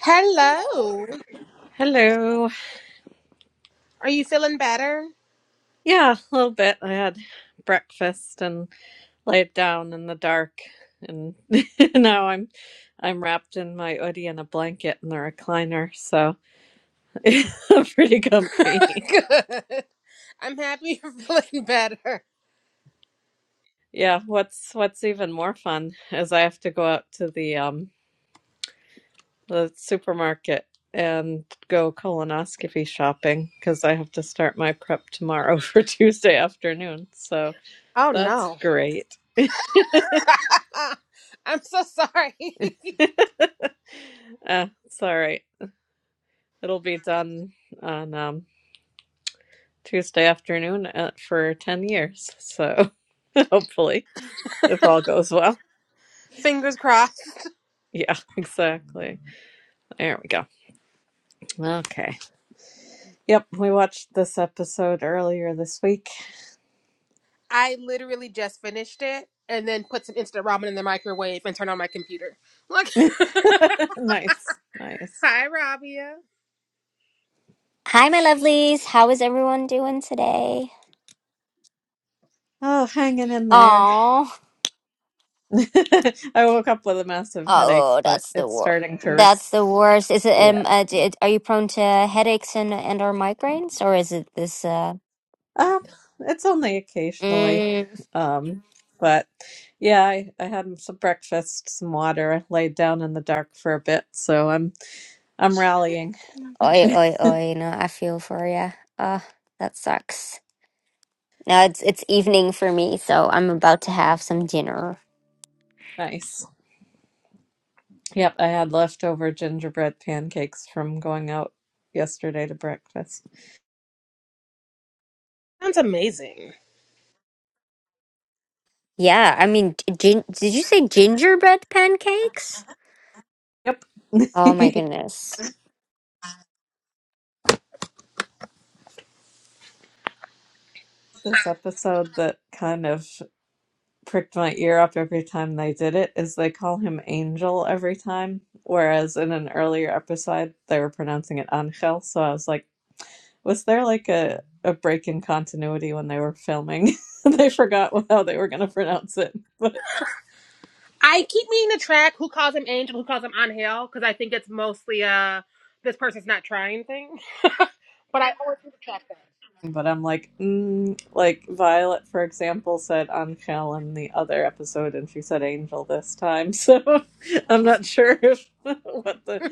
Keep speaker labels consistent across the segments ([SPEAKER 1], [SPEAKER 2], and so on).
[SPEAKER 1] Hello.
[SPEAKER 2] Hello.
[SPEAKER 1] Are you feeling better?
[SPEAKER 2] Yeah, a little bit. I had breakfast and laid down in the dark and now I'm I'm wrapped in my hoodie and a blanket in the recliner, so I'm pretty comfy.
[SPEAKER 1] Good. I'm happy you're feeling better.
[SPEAKER 2] Yeah, what's what's even more fun is I have to go out to the um the supermarket and go colonoscopy shopping because I have to start my prep tomorrow for Tuesday afternoon. So
[SPEAKER 1] Oh
[SPEAKER 2] that's
[SPEAKER 1] no.
[SPEAKER 2] great.
[SPEAKER 1] I'm so sorry.
[SPEAKER 2] Uh, it's all right. It'll be done on um, Tuesday afternoon uh for 10 years. So hopefully, if all goes well.
[SPEAKER 1] Fingers crossed.
[SPEAKER 2] Yeah, exactly. There we go. Okay. Yep, we watched this episode earlier this week.
[SPEAKER 1] I literally just finished it and then put some instant ramen in the microwave and turned on my computer. Look,
[SPEAKER 2] nice, nice.
[SPEAKER 1] hi Rabia.
[SPEAKER 3] Hi, my lovelies. How is everyone doing today?
[SPEAKER 2] Oh, hanging in there.
[SPEAKER 3] Oh,
[SPEAKER 2] I woke up with a massive headache,
[SPEAKER 3] oh,
[SPEAKER 2] but
[SPEAKER 3] that's the
[SPEAKER 2] it's
[SPEAKER 3] wor
[SPEAKER 2] starting to res-
[SPEAKER 3] That's the worst. Is it?
[SPEAKER 2] Yeah.
[SPEAKER 3] Um, uh, d- are you prone to headaches and and or migraines, or is it this? Uh,
[SPEAKER 2] Um, it's only occasionally.
[SPEAKER 3] mm,
[SPEAKER 2] Um, but yeah, I, I had some breakfast, some water. I laid down in the dark for a bit, so I'm I'm rallying.
[SPEAKER 3] oi, oi, oi. No, I feel for you. Ah, that sucks. Now it's it's evening for me, so I'm about to have some dinner.
[SPEAKER 2] Nice. Yep, I had leftover gingerbread pancakes from going out yesterday to breakfast.
[SPEAKER 1] Sounds amazing.
[SPEAKER 3] Yeah, I mean, gin- did you say gingerbread pancakes?
[SPEAKER 2] Yep.
[SPEAKER 3] Oh my goodness.
[SPEAKER 2] This episode that kind of pricked my ear up every time they did it is they call him Angel every time, whereas in an earlier episode they were pronouncing it Angel, so I was like, Was there like a, a break in continuity when they were filming? They forgot how they were going to pronounce it. But
[SPEAKER 1] I keep meaning to track who calls him Angel, who calls him Angel, because I think it's mostly uh this person's not trying thing. But I always need to track that.
[SPEAKER 2] but I'm like, mm, like Violet, for example, said Angel in the other episode, and she said Angel this time. So I'm not sure if, what the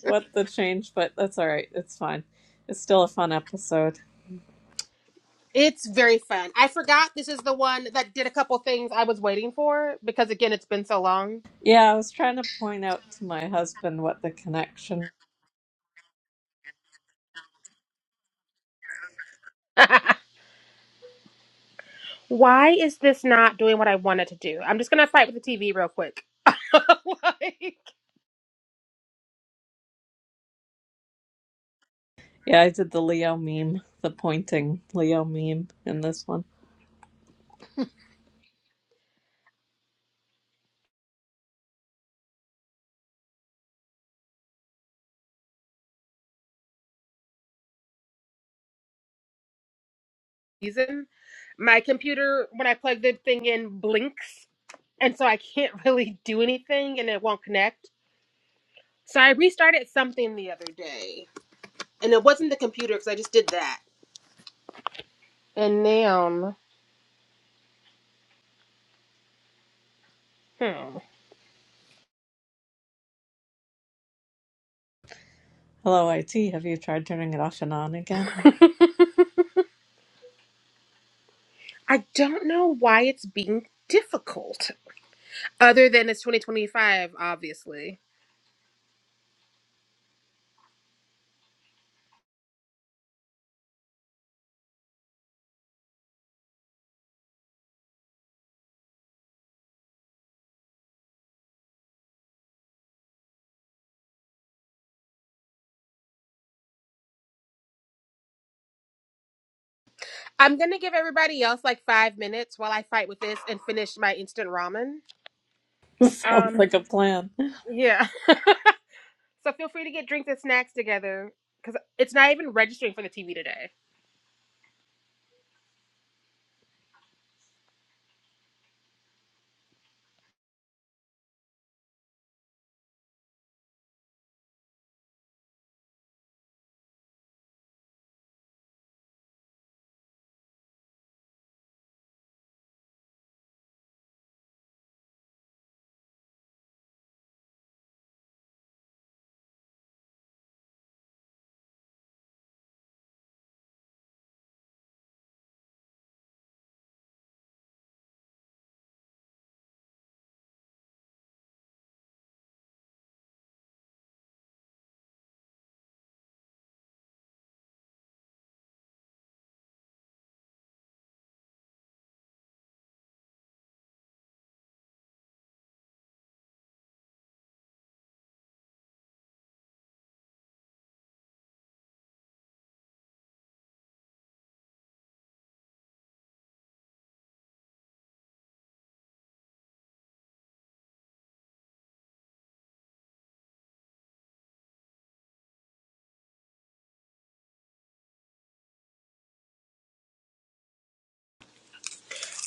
[SPEAKER 2] what the change, but that's all right. It's fine. It's still a fun episode.
[SPEAKER 1] It's very fun. I forgot this is the one that did a couple things I was waiting for because again it's been so long.
[SPEAKER 2] Yeah, I was trying to point out to my husband what the connection.
[SPEAKER 1] Why is this not doing what I wanted to do? I'm just gonna fight with the TV real quick. like,
[SPEAKER 2] Yeah, I did the Leo meme, the pointing Leo meme in this one.
[SPEAKER 1] reason, my computer when I plug the thing in blinks, and so I can't really do anything, and it won't connect. So I restarted something the other day, and it wasn't the computer because I just did that. And now, hmm,
[SPEAKER 2] Hello, IT. Have you tried turning it off and on again?
[SPEAKER 1] I don't know why it's being difficult. Other than it's 2025, obviously. I'm gonna give everybody else like five minutes while I fight with this and finish my instant ramen.
[SPEAKER 2] Sounds
[SPEAKER 1] Um,
[SPEAKER 2] like a plan.
[SPEAKER 1] yeah. so feel free to get drinks and snacks together because it's not even registering for the TV today.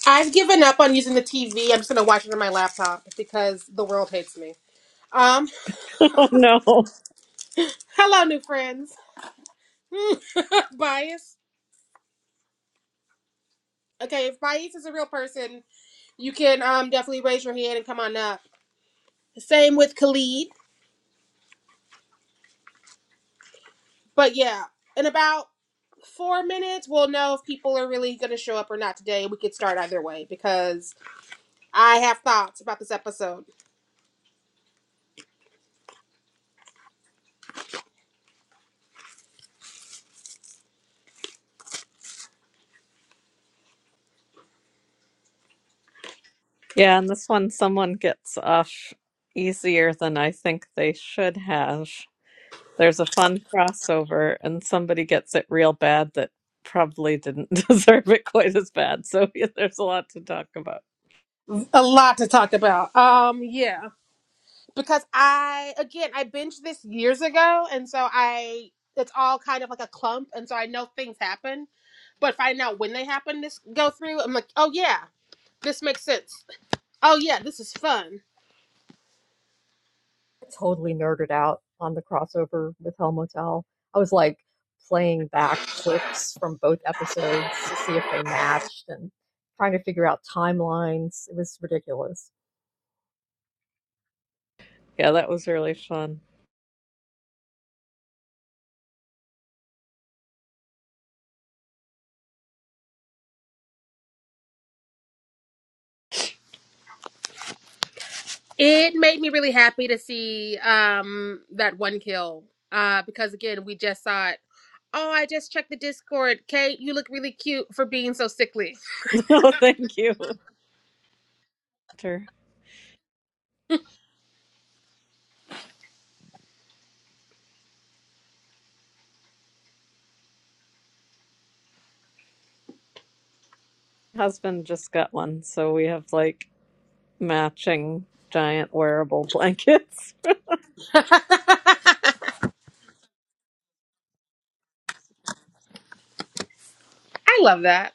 [SPEAKER 1] I've given up on using the TV. I'm just gonna watch it on my laptop because the world hates me. Um,
[SPEAKER 2] oh no.
[SPEAKER 1] hello, new friends. bias. Okay, if bias is a real person, you can um definitely raise your hand and come on up. Same with Khalid. But yeah, in about four minutes, we'll know if people are really going to show up or not today. We could start either way because I have thoughts about this episode.
[SPEAKER 2] Yeah, and this one, someone gets off easier than I think they should have. There's a fun crossover, and somebody gets it real bad that probably didn't deserve it quite as bad. So there's a lot to talk about.
[SPEAKER 1] A lot to talk about. Um, yeah, because I again I binged this years ago, and so I it's all kind of like a clump, and so I know things happen, but finding out when they happen, this go through, I'm like, oh yeah. This makes sense. Oh yeah, this is fun.
[SPEAKER 4] totally nerded out on the crossover with Hell Motel. I was like playing back clips from both episodes to see if they matched and trying to figure out timelines. It was ridiculous.
[SPEAKER 2] Yeah, that was really fun.
[SPEAKER 1] It made me really happy to see um that one kill. Uh because again, we just saw it Oh, I just checked the Discord. Kate, you look really cute for being so sickly.
[SPEAKER 2] Oh, thank you. Her husband just got one, so we have like matching giant wearable blankets.
[SPEAKER 1] I love that.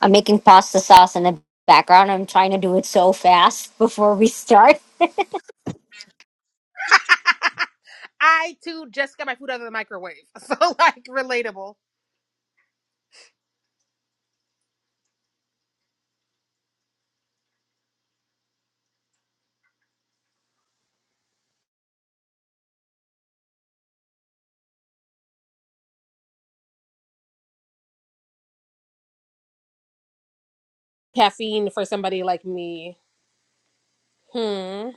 [SPEAKER 3] I'm making pasta sauce in the background. I'm trying to do it so fast before we start.
[SPEAKER 1] I too just got my food out of the microwave. So like relatable. Caffeine for somebody like me. Hmm.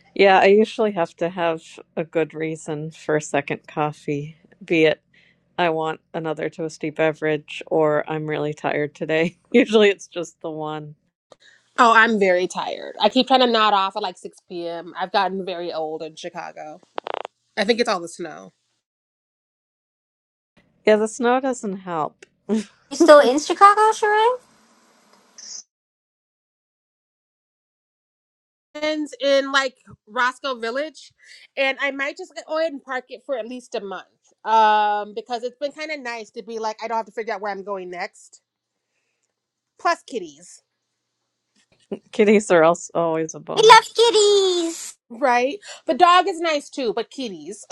[SPEAKER 2] yeah, I usually have to have a good reason for a second coffee, be it I want another toasty beverage or I'm really tired today. Usually it's just the one.
[SPEAKER 1] Oh, I'm very tired. I keep trying to nod off at like 6 p.m. I've gotten very old in Chicago. I think it's all the snow.
[SPEAKER 2] Yeah, the snow doesn't help.
[SPEAKER 3] You still in Chicago, Sheree?
[SPEAKER 1] friends in like Roscoe Village, and I might just go ahead and park it for at least a month. Um, because it's been kind of nice to be like, I don't have to figure out where I'm going next. Plus kitties,
[SPEAKER 2] Kitties are also always a
[SPEAKER 3] We love
[SPEAKER 2] bonus.
[SPEAKER 3] kitties.
[SPEAKER 1] right? The dog is nice too, but kitties.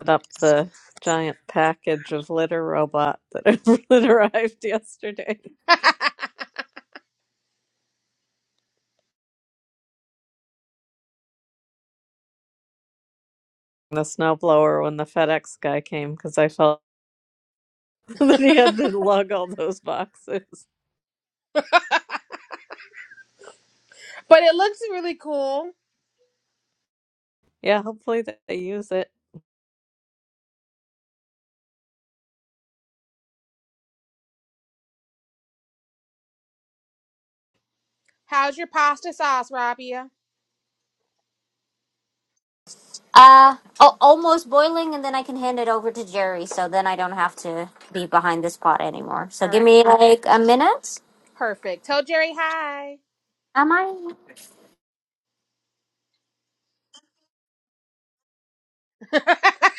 [SPEAKER 2] Put up the giant package of litter robot that that arrived yesterday.
[SPEAKER 1] but
[SPEAKER 2] the snowblower when the FedEx guy came because I felt that he had to
[SPEAKER 1] it
[SPEAKER 2] lug all those boxes.
[SPEAKER 1] looks really cool.
[SPEAKER 2] Yeah, hopefully that they use it.
[SPEAKER 1] How's your pasta sauce, Rabia?
[SPEAKER 3] Uh, oh, almost boiling, and then I can hand it over to Jerry, so then I don't have to be behind this pot anymore. So
[SPEAKER 1] All
[SPEAKER 3] give
[SPEAKER 1] right,
[SPEAKER 3] me like a minute.
[SPEAKER 1] perfect. Tell Jerry hi.
[SPEAKER 3] Am I?
[SPEAKER 1] That's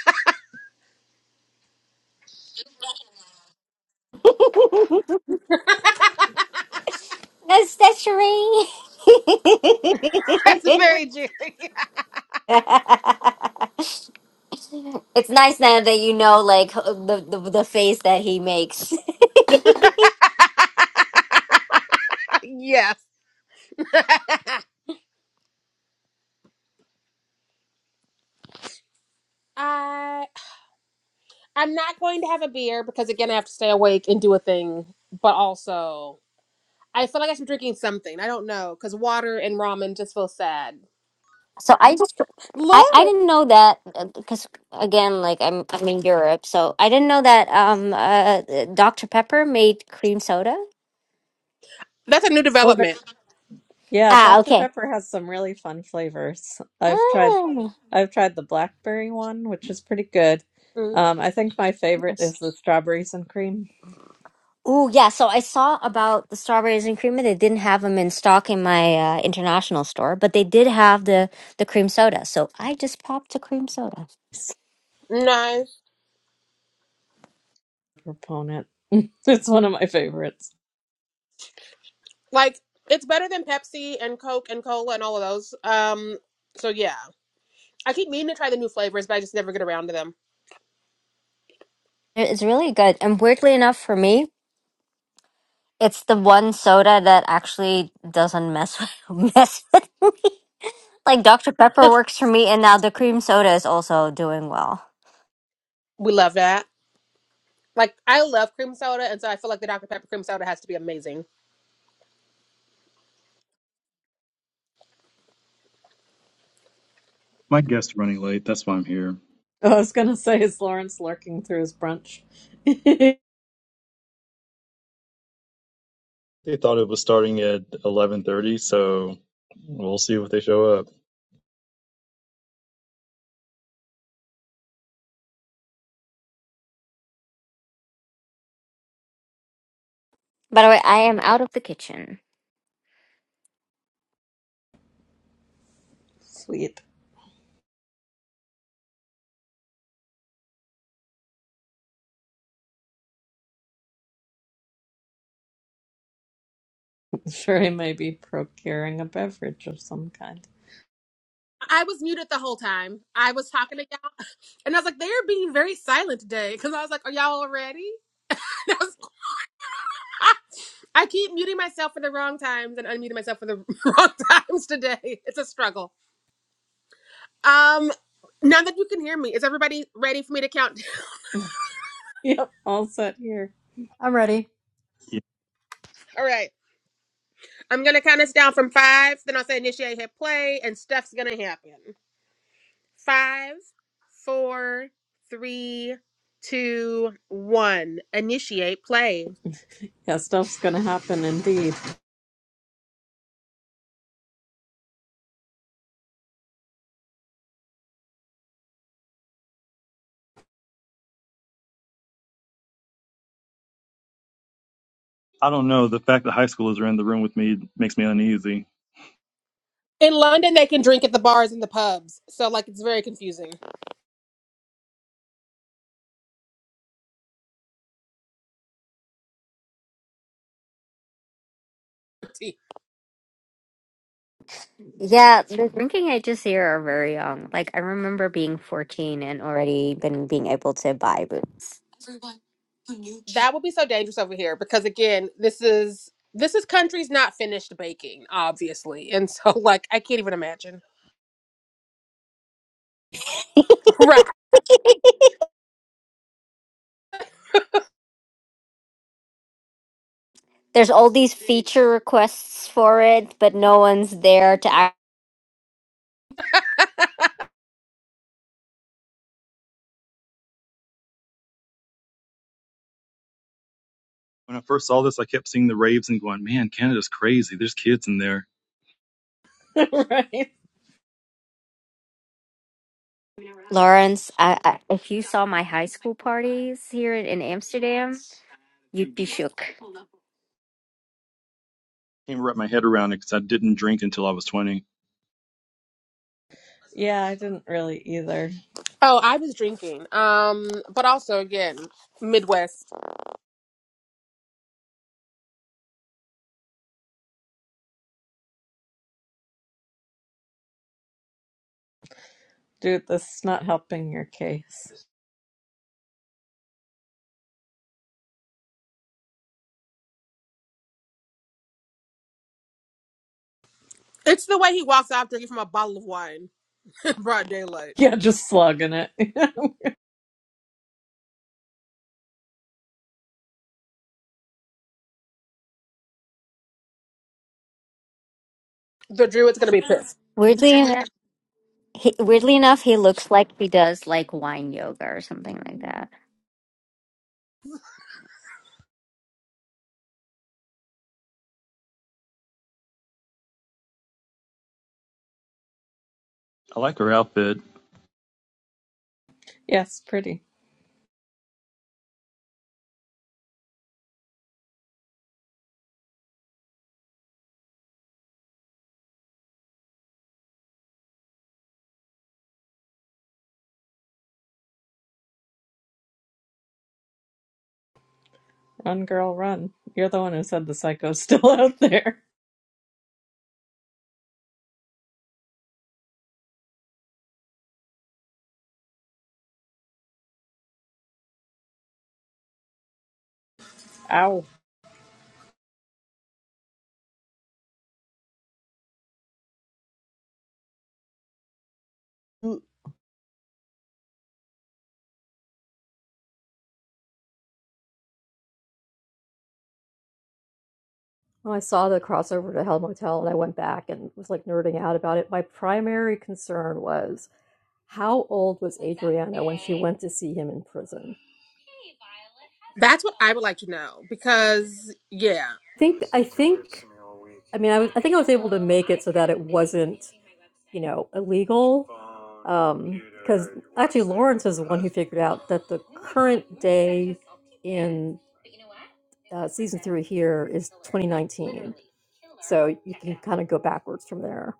[SPEAKER 3] That's that's Sheree.
[SPEAKER 1] very Jerry.
[SPEAKER 3] it's nice now that you know, like the the, the face that he makes.
[SPEAKER 1] yes. Uh, I'm not going to have a beer because again I have to stay awake and do a thing, but also I feel like I should be drinking something. I don't know because water and ramen just feels sad.
[SPEAKER 3] So I just I, I
[SPEAKER 1] Lord,
[SPEAKER 3] didn't know that because again, like I'm I'm in Europe, so I didn't know that um uh Dr Pepper made cream soda.
[SPEAKER 1] that's a new
[SPEAKER 2] Oh, the-
[SPEAKER 1] development.
[SPEAKER 2] yeah,
[SPEAKER 3] Ah,
[SPEAKER 2] Dr.
[SPEAKER 3] okay.
[SPEAKER 2] Pepper has some really fun flavors. I've tried
[SPEAKER 3] Ah,
[SPEAKER 2] I've tried the blackberry one, which is pretty good.
[SPEAKER 1] Mm,
[SPEAKER 2] Um, I think my favorite
[SPEAKER 3] nice.
[SPEAKER 2] is the strawberries and cream.
[SPEAKER 3] Oh yeah, so I saw about the strawberries and cream. and They didn't have them in stock in my uh, international store, but they did have the the cream soda. So I just popped a cream soda.
[SPEAKER 2] So
[SPEAKER 1] nice,
[SPEAKER 2] proponent. It's one of my favorites.
[SPEAKER 1] like it's better than Pepsi and Coke and cola and all of those. Um, so yeah, I keep meaning to try the new flavors, but I just never get around to them.
[SPEAKER 3] It- It's really good, and weirdly enough, for me, it's the one soda that actually doesn't mess with, mess with like Dr. Pepper works for me, and now the cream soda is also doing well.
[SPEAKER 1] We love that. Like I love cream soda, and so I feel like the Dr Pepper cream soda has to be amazing.
[SPEAKER 5] My guest's running late. That's why I'm here.
[SPEAKER 2] I was gonna say is Lawrence lurking through his brunch.
[SPEAKER 5] They thought it was starting at 11:30, so we'll see if they show up.
[SPEAKER 3] By the way, I am out of the kitchen.
[SPEAKER 2] Sweet. Sure, he may be procuring a beverage of some kind.
[SPEAKER 1] I was muted the whole time. I was talking to y'all. And I was like, they are being very silent today. Cause I was like, are y'all ready? And I, was, I keep muting myself for the wrong times and unmuting myself for the wrong times today. It's a struggle. Um, now that you can hear me, is everybody ready for me to count?
[SPEAKER 2] Yep, all set here.
[SPEAKER 4] I'm ready.
[SPEAKER 5] Yeah.
[SPEAKER 1] All right. I'm gonna count us down from five, then I'll say initiate hit play, and stuff's gonna happen. Five, four, three, two, one. Initiate play.
[SPEAKER 2] Yeah, stuff's gonna happen indeed.
[SPEAKER 5] I don't know. The fact that high schoolers are in the room with me makes me uneasy.
[SPEAKER 1] In London, they can drink at the bars and the pubs. So like it's very confusing.
[SPEAKER 3] Yeah, the drinking ages here are very young. Like I remember being 14 and already been being able to buy boots.
[SPEAKER 1] that would be so dangerous over here because again this is this is countries not finished baking obviously and so like i can't even imagine right
[SPEAKER 3] There's all these feature requests for it, but no one's there to act.
[SPEAKER 5] When I first saw this, I kept seeing the raves and going, man, Canada's crazy. There's kids in there.
[SPEAKER 2] right?
[SPEAKER 3] Lawrence, I, I, if you saw my high school parties here in, in Amsterdam, you'd be shook.
[SPEAKER 5] I Can't wrap my head around it because I didn't drink until I was 20.
[SPEAKER 2] Yeah, I didn't really either.
[SPEAKER 1] oh i was drinking um but also again midwest
[SPEAKER 2] Dude, this is not helping your case.
[SPEAKER 1] it's the way he walks out drinking from a bottle of wine in broad daylight
[SPEAKER 2] Yeah, just slugging it.
[SPEAKER 1] the druid's gonna be pissed
[SPEAKER 3] Weirdly, he, weirdly enough, he looks like he does like wine yoga or something like that.
[SPEAKER 5] I like her outfit.
[SPEAKER 2] yes, pretty. Run, girl, run. You're the one who said the psycho's still out there. Ow.
[SPEAKER 4] When I saw the crossover to Hell Motel and I went back and was like nerding out about it, my primary concern was how old was Adriana when she went to see him in prison?
[SPEAKER 1] that's what i would like to know because yeah
[SPEAKER 4] I think I think I mean I was I think I was able to make it so that it wasn't you know illegal um because actually Lawrence is the one who figured out that the current day in uh, season three here is 2019 so you can kind of go backwards from there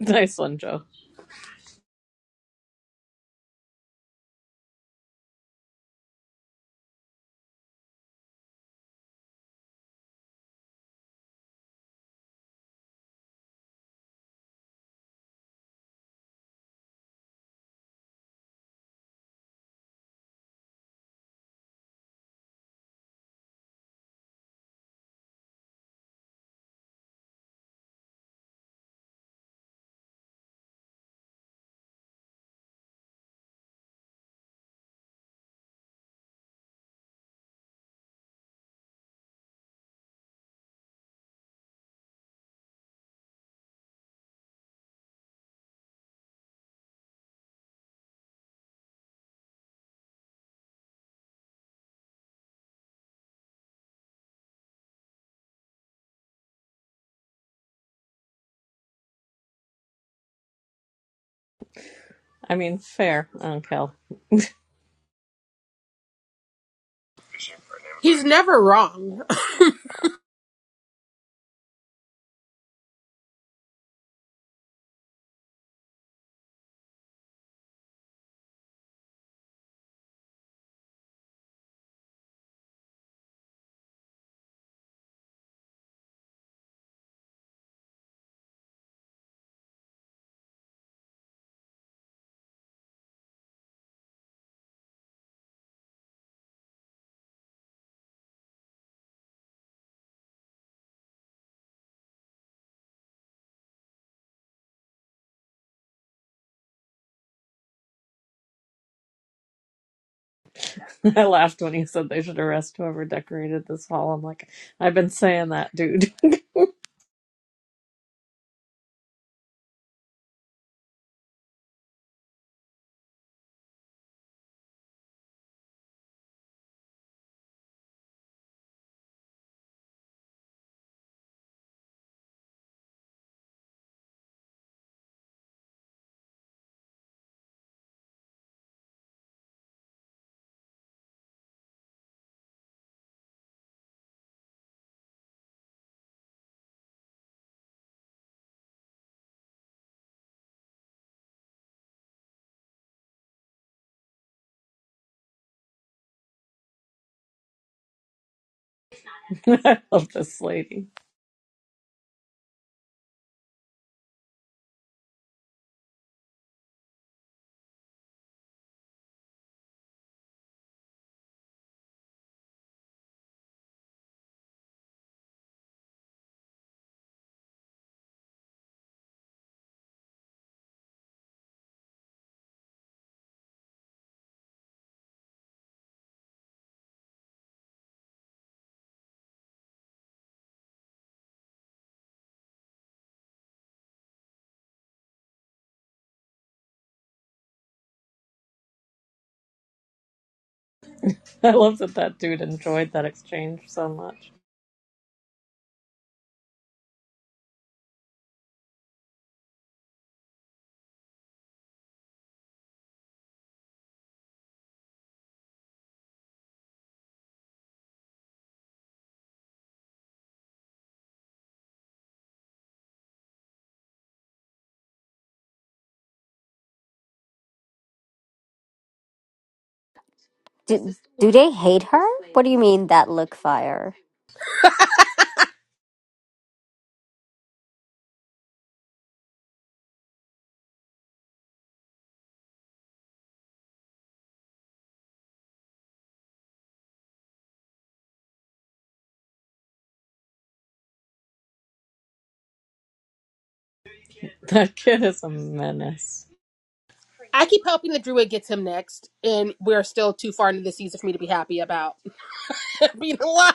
[SPEAKER 2] Nice one, Joe. I mean, fair on Kel.
[SPEAKER 1] he's never wrong
[SPEAKER 2] I laughed when he said they should arrest whoever decorated this hall. I'm like, I've been saying that, dude. I love this lady. I love that that dude enjoyed that exchange so much.
[SPEAKER 3] Do, do they hate her? What do you mean that look fire?
[SPEAKER 2] That kid is a menace.
[SPEAKER 1] i keep hoping the druid gets him next and we're still too far into the season for me to be happy about being alive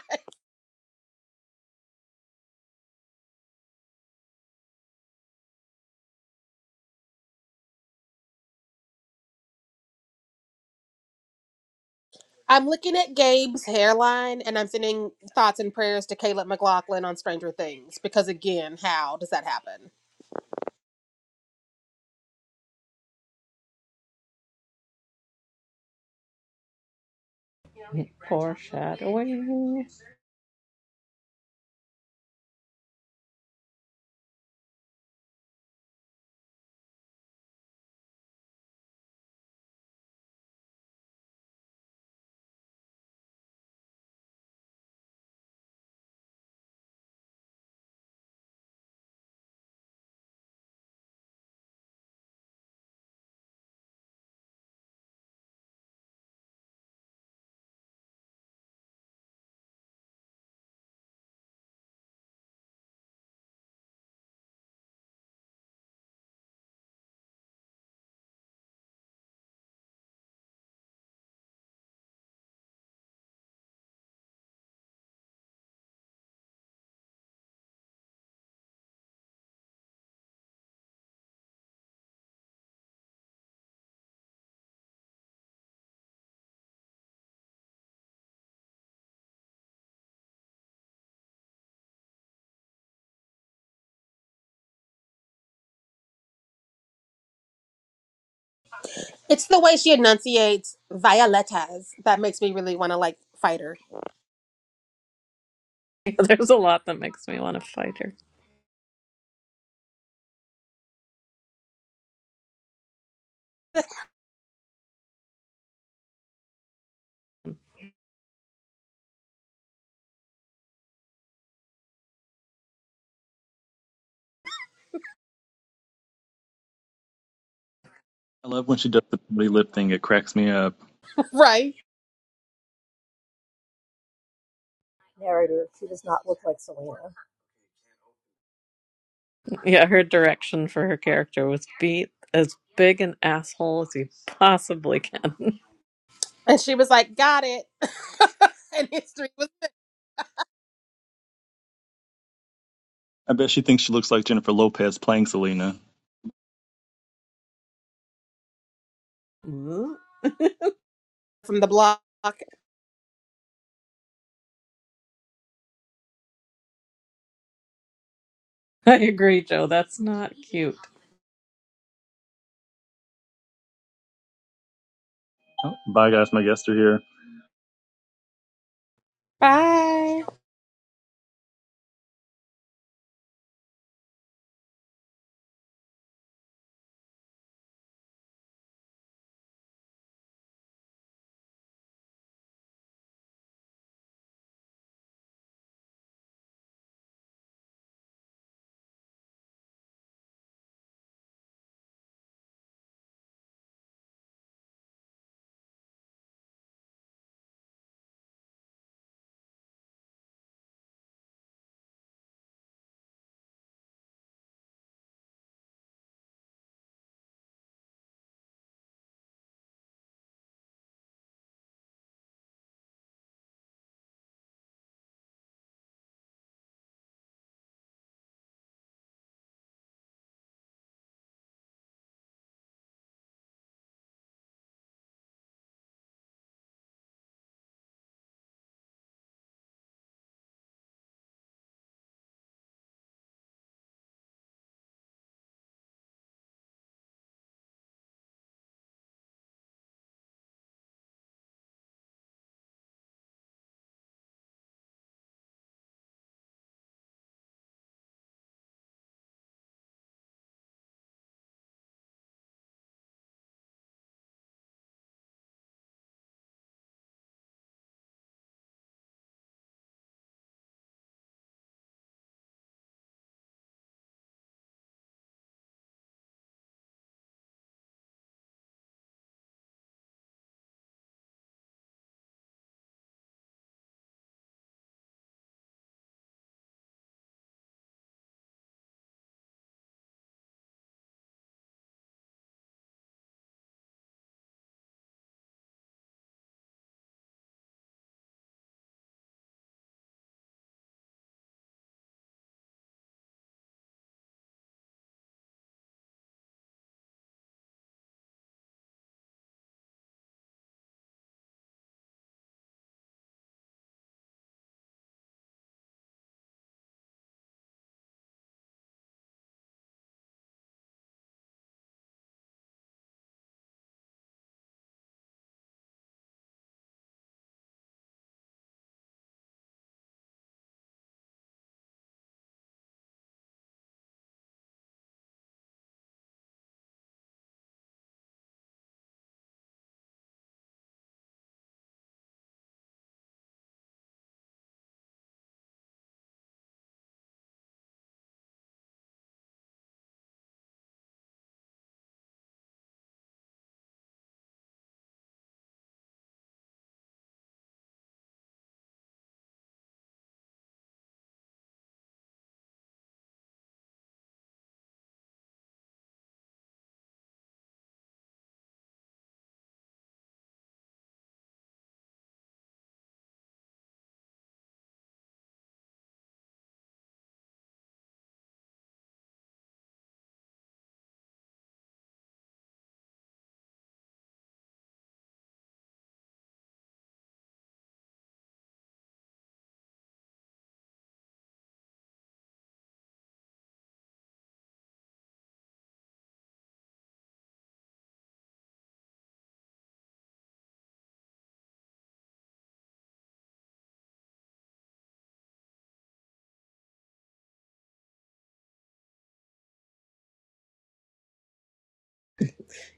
[SPEAKER 1] I'm looking at Gabe's hairline and I'm sending thoughts and prayers to Caleb McLaughlin on Stranger Things because, again, how does that happen?
[SPEAKER 2] Foreshadowing.
[SPEAKER 1] It's the way she enunciates Violetas that makes me really want to like fight her,
[SPEAKER 2] There's a lot that makes me want to fight her.
[SPEAKER 5] I love when she does the pretty lip thing. It cracks me up.
[SPEAKER 1] right?
[SPEAKER 4] narrator. She does not look like Selena.
[SPEAKER 2] Yeah, her direction for her character was be as big an asshole as you possibly can.
[SPEAKER 1] And she was like, Got it. and history was
[SPEAKER 5] I bet she thinks she looks like Jennifer Lopez playing Selena.
[SPEAKER 2] Ooh.
[SPEAKER 1] from the block.
[SPEAKER 2] I agree, Joe. That's not cute.
[SPEAKER 5] Oh, bye, guys. My guests are here.
[SPEAKER 1] Bye.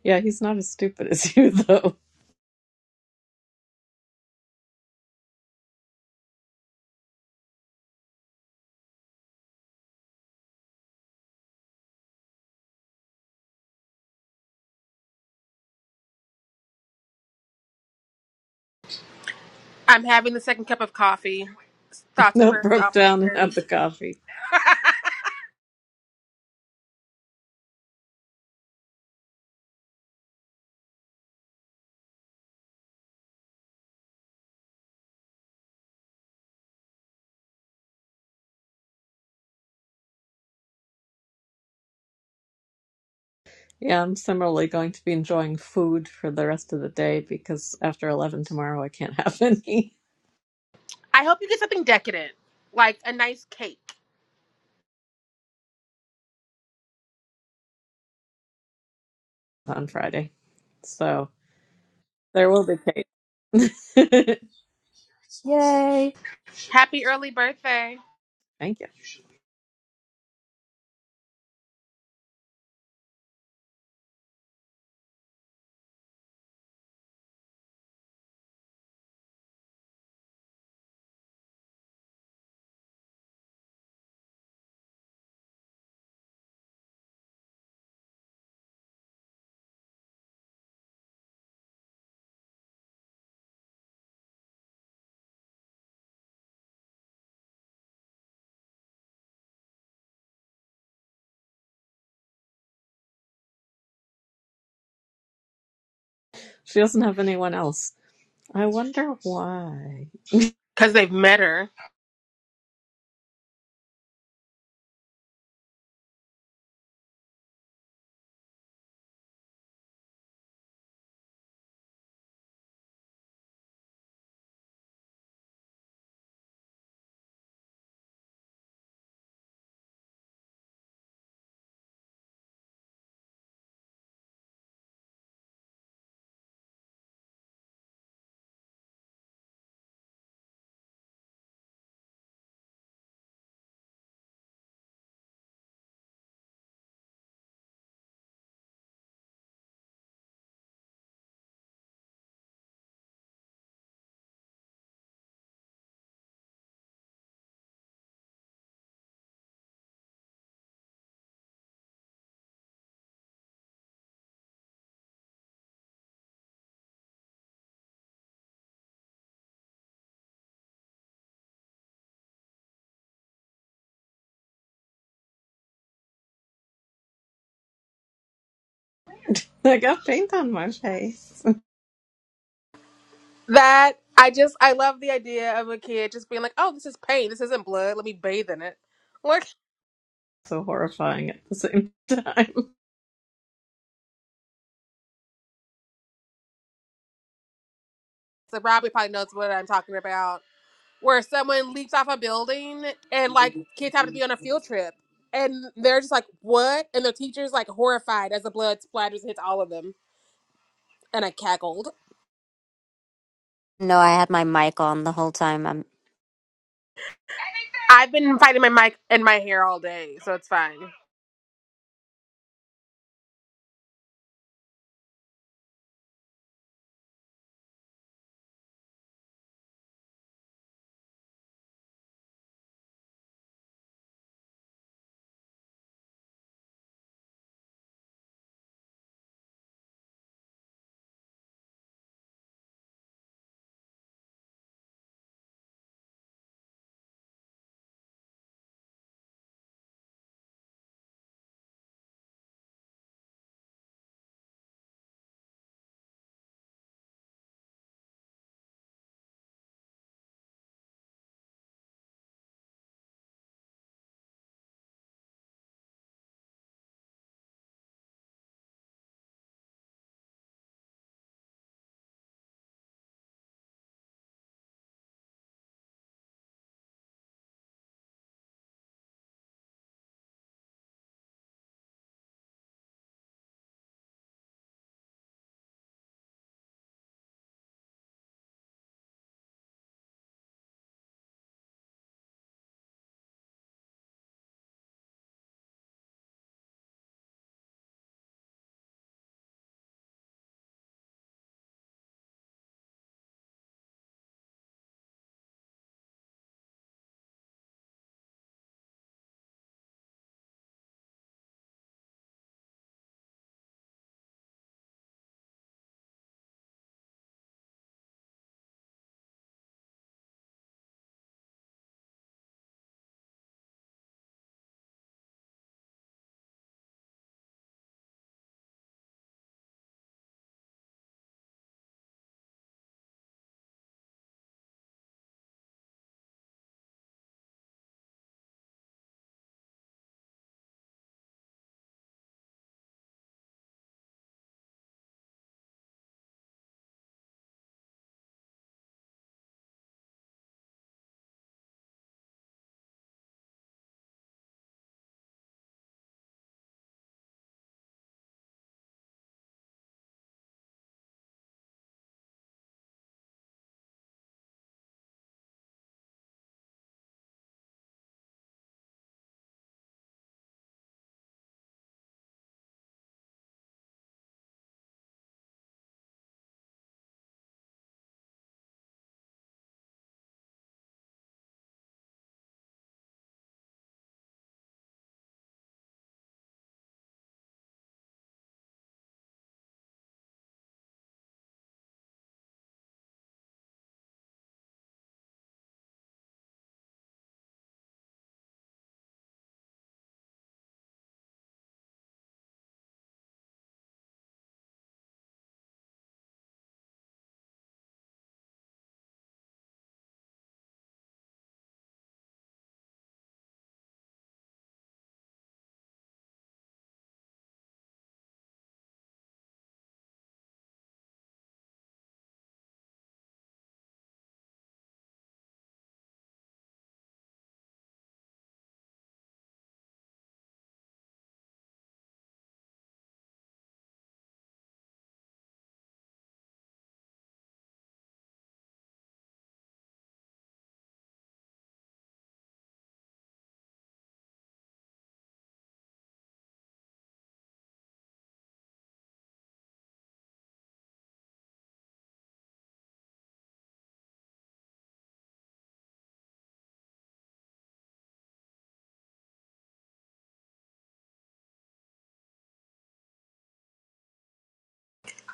[SPEAKER 2] Yeah, he's not as stupid as you, though.
[SPEAKER 1] I'm having the second cup of coffee. Thoughts and
[SPEAKER 2] That
[SPEAKER 1] prayers to all
[SPEAKER 2] broke
[SPEAKER 1] my
[SPEAKER 2] down and had
[SPEAKER 1] friends.
[SPEAKER 2] the coffee. Yeah, I'm similarly going to be enjoying food for the rest of the day because after 11 tomorrow, I can't have any
[SPEAKER 1] I hope you get something decadent, like a nice cake.
[SPEAKER 2] on Friday. So. There will be Kate.
[SPEAKER 4] Yay!
[SPEAKER 1] Happy early birthday.
[SPEAKER 2] Thank you. She doesn't have anyone else. I wonder why.
[SPEAKER 1] Because they've met her.
[SPEAKER 2] I got paint on my face.
[SPEAKER 1] That I just I love the idea of a kid just being like, "Oh, this is paint. This isn't blood. Let me bathe in it." Like,
[SPEAKER 2] so horrifying at the same time.
[SPEAKER 1] so Robbie probably knows what I'm talking about. Where someone leaps off a building and like kids have to be on a field trip, and they're just like, "What?" And the teacher's like horrified as the blood splatters and hits all of them. And I cackled.
[SPEAKER 3] No, I had my mic on the whole time. I'm,
[SPEAKER 1] I've been fighting my mic and my hair all day, so it's fine.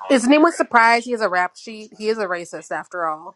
[SPEAKER 1] Is anyone surprised he has a rap sheet? He is a racist after all,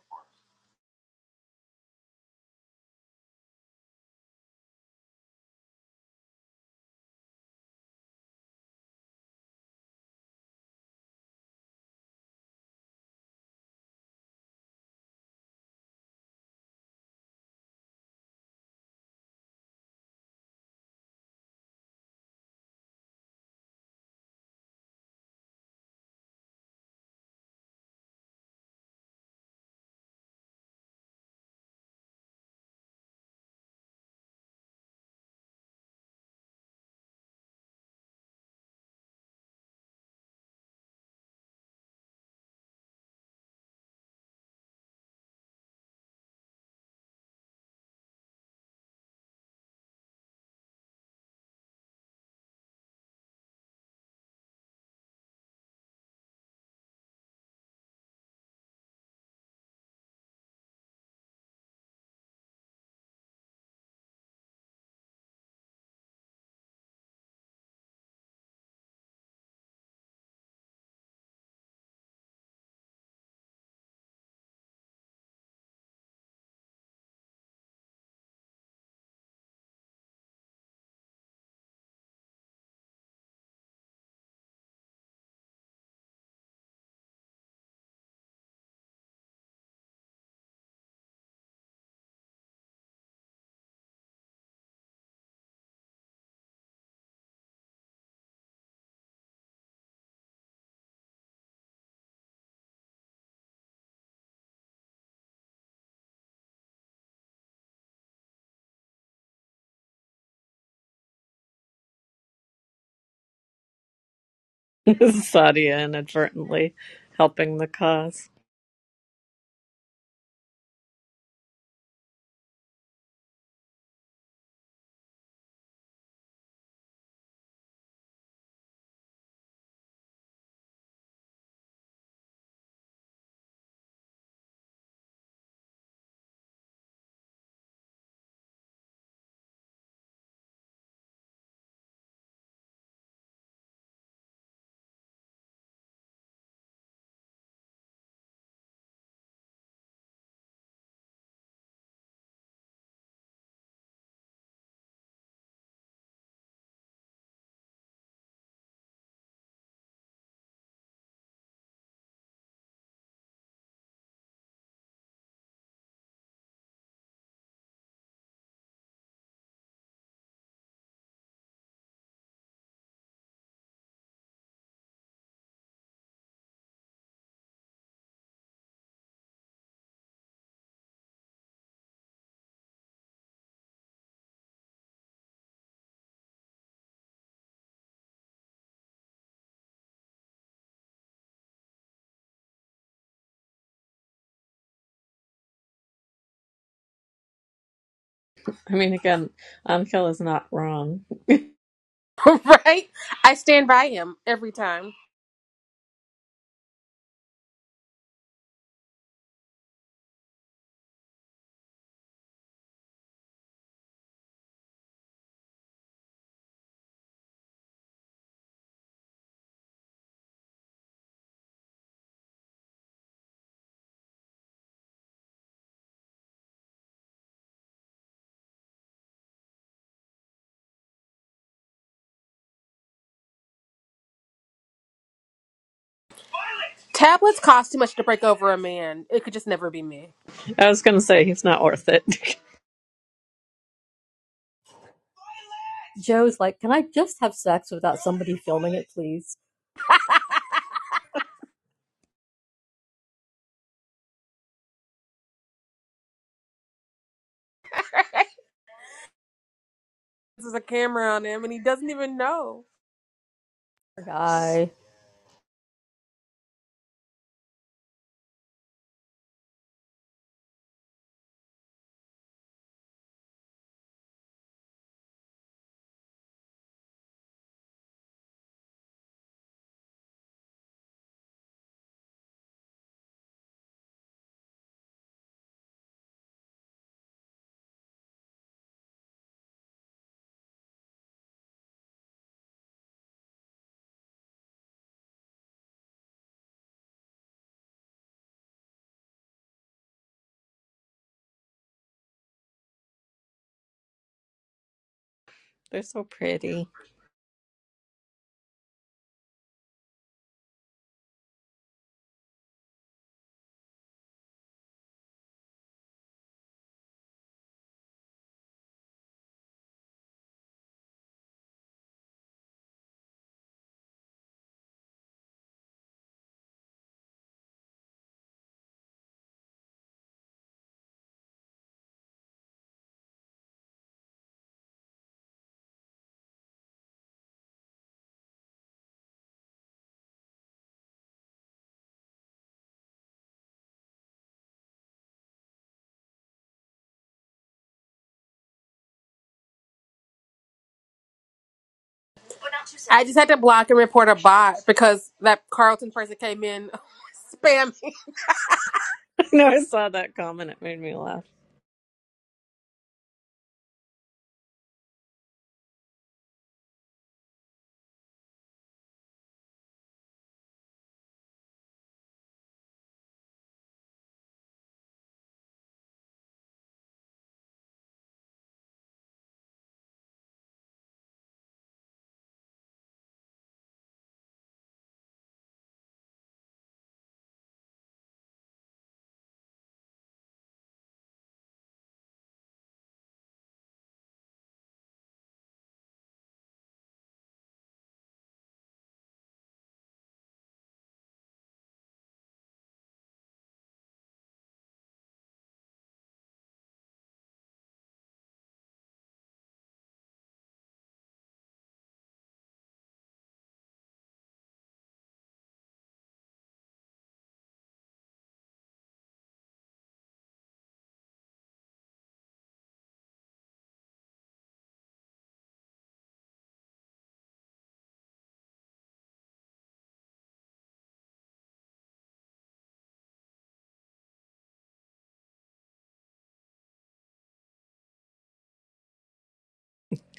[SPEAKER 2] Sadia inadvertently helping the cause. I mean, again, Ankel is not wrong.
[SPEAKER 1] right? I stand by him every time. Tablets cost too much to break over a man. It could just never be me.
[SPEAKER 2] I was going to say he's not worth it.
[SPEAKER 4] Joe's like, can I just have sex without somebody filming it, please?
[SPEAKER 1] There's a camera on him and he doesn't even know.
[SPEAKER 4] Guy.
[SPEAKER 2] They're so pretty.
[SPEAKER 1] I just had to block and report a bot because that Carlton person came in spamming.
[SPEAKER 2] I know I saw that comment. It made me laugh.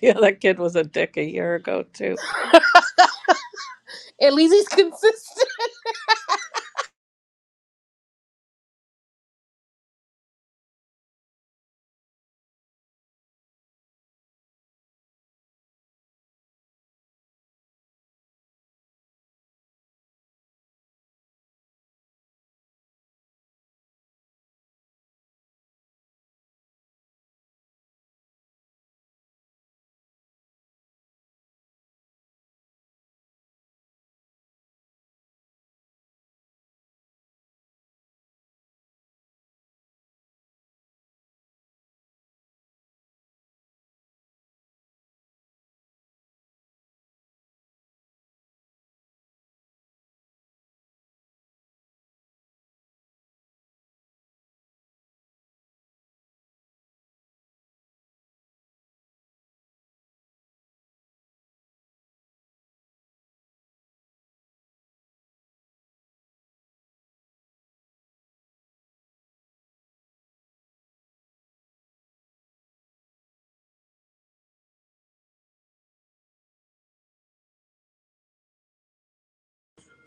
[SPEAKER 2] Yeah, that kid was a dick a year ago, too.
[SPEAKER 1] At least he's consistent.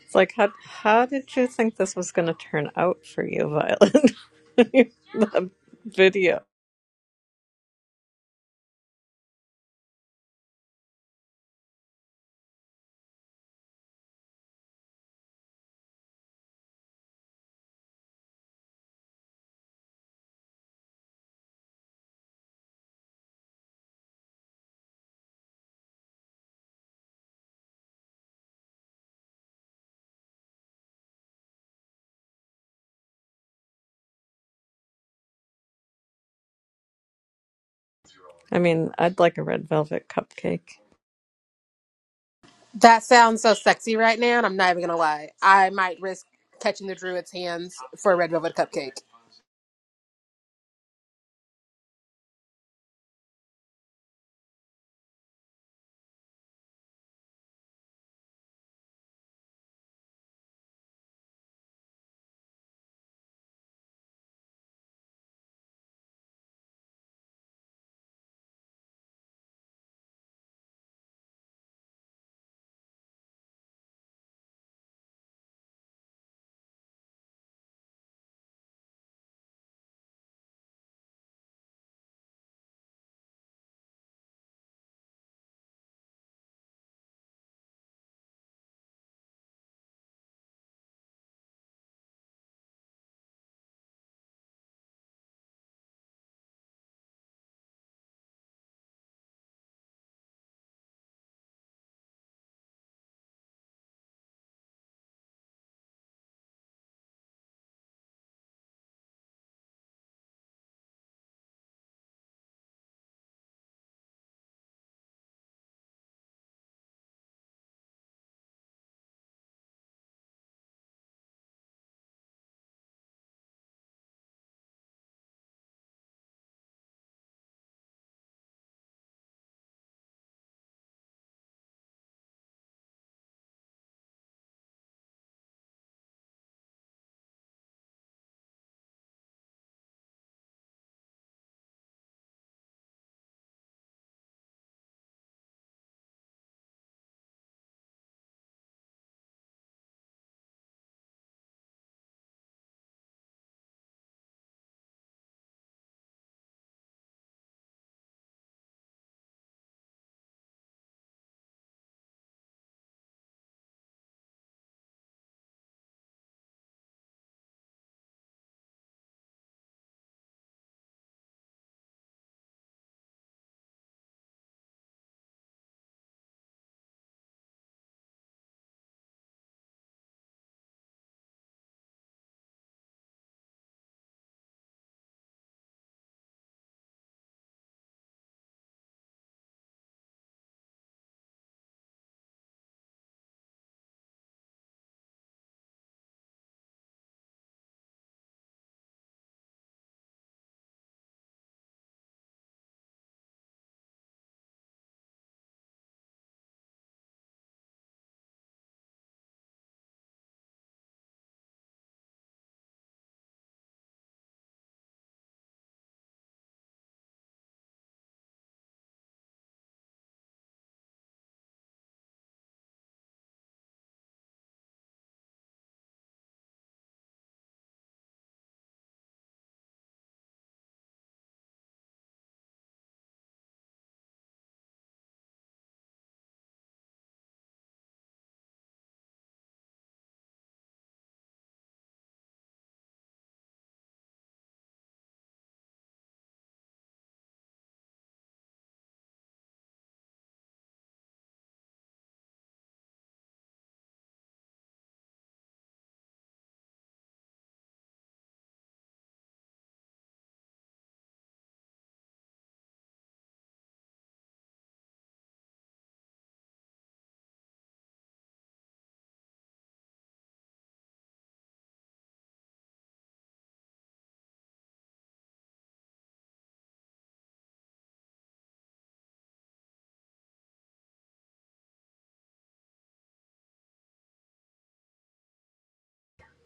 [SPEAKER 2] It's like how how did you think this was going to turn out for you, Violet? the video. I mean, I'd like a red velvet cupcake.
[SPEAKER 1] That sounds so sexy right now, and I'm not even gonna lie. I might risk catching the druid's hands for a red velvet cupcake.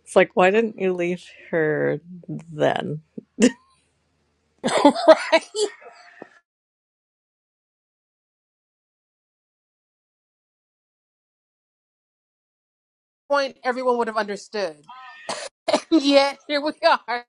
[SPEAKER 2] It's like why didn't you leave her then?
[SPEAKER 1] right? Point everyone would have understood. Yet here we are.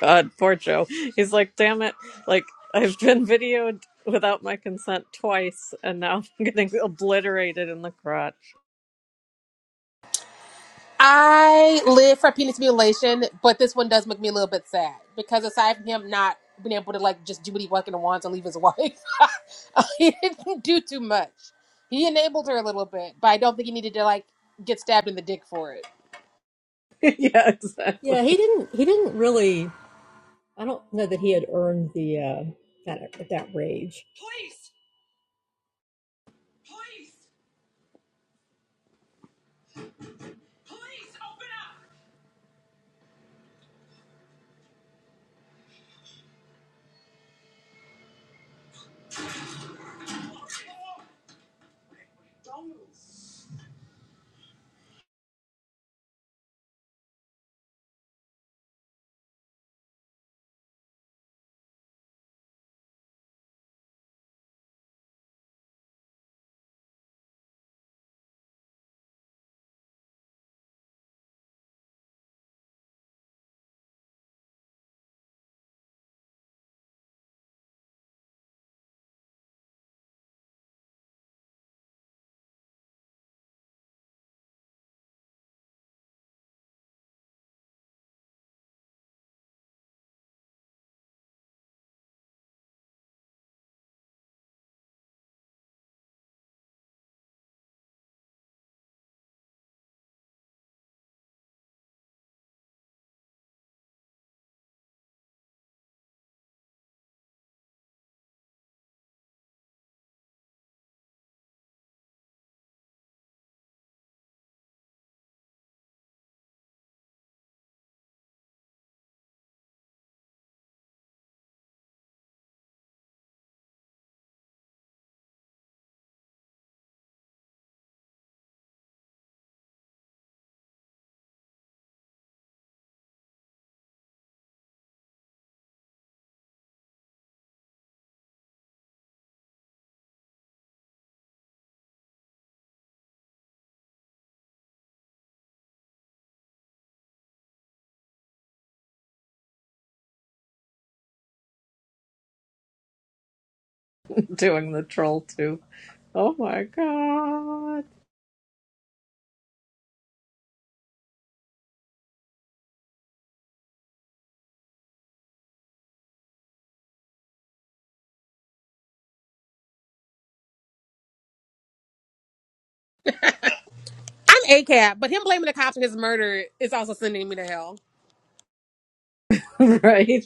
[SPEAKER 2] God, poor Joe. He's like, damn it! Like I've been videoed without my consent twice, and now I'm getting obliterated in the crotch.
[SPEAKER 1] I live for penis mutilation, but this one does make me a little bit sad because aside from him not being able to like just do what he fucking wants and leave his wife, he didn't do too much. He enabled her a little bit, but I don't think he needed to like get stabbed in the dick for it.
[SPEAKER 2] yeah, exactly.
[SPEAKER 4] Yeah, he didn't. He didn't really. I don't know that he had earned the uh, that that rage.
[SPEAKER 2] Doing the troll too. Oh my god.
[SPEAKER 1] I'm a cab, but him blaming the cops for his murder is also sending me to hell.
[SPEAKER 2] right?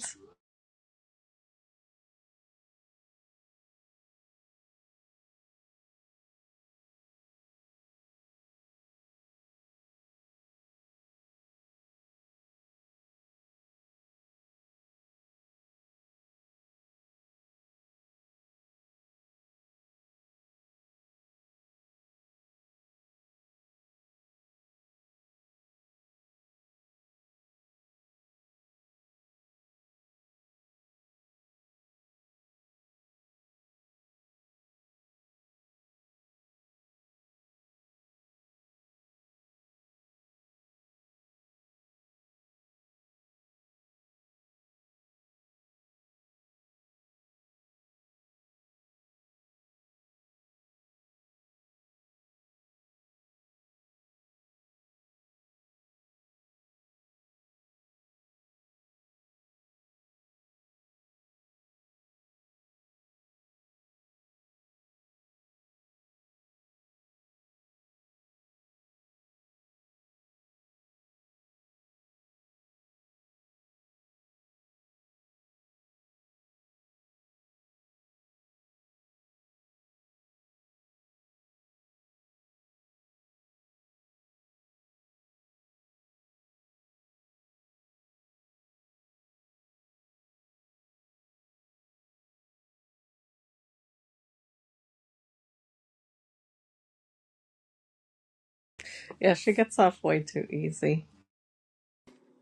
[SPEAKER 2] Yeah, she gets off way too easy.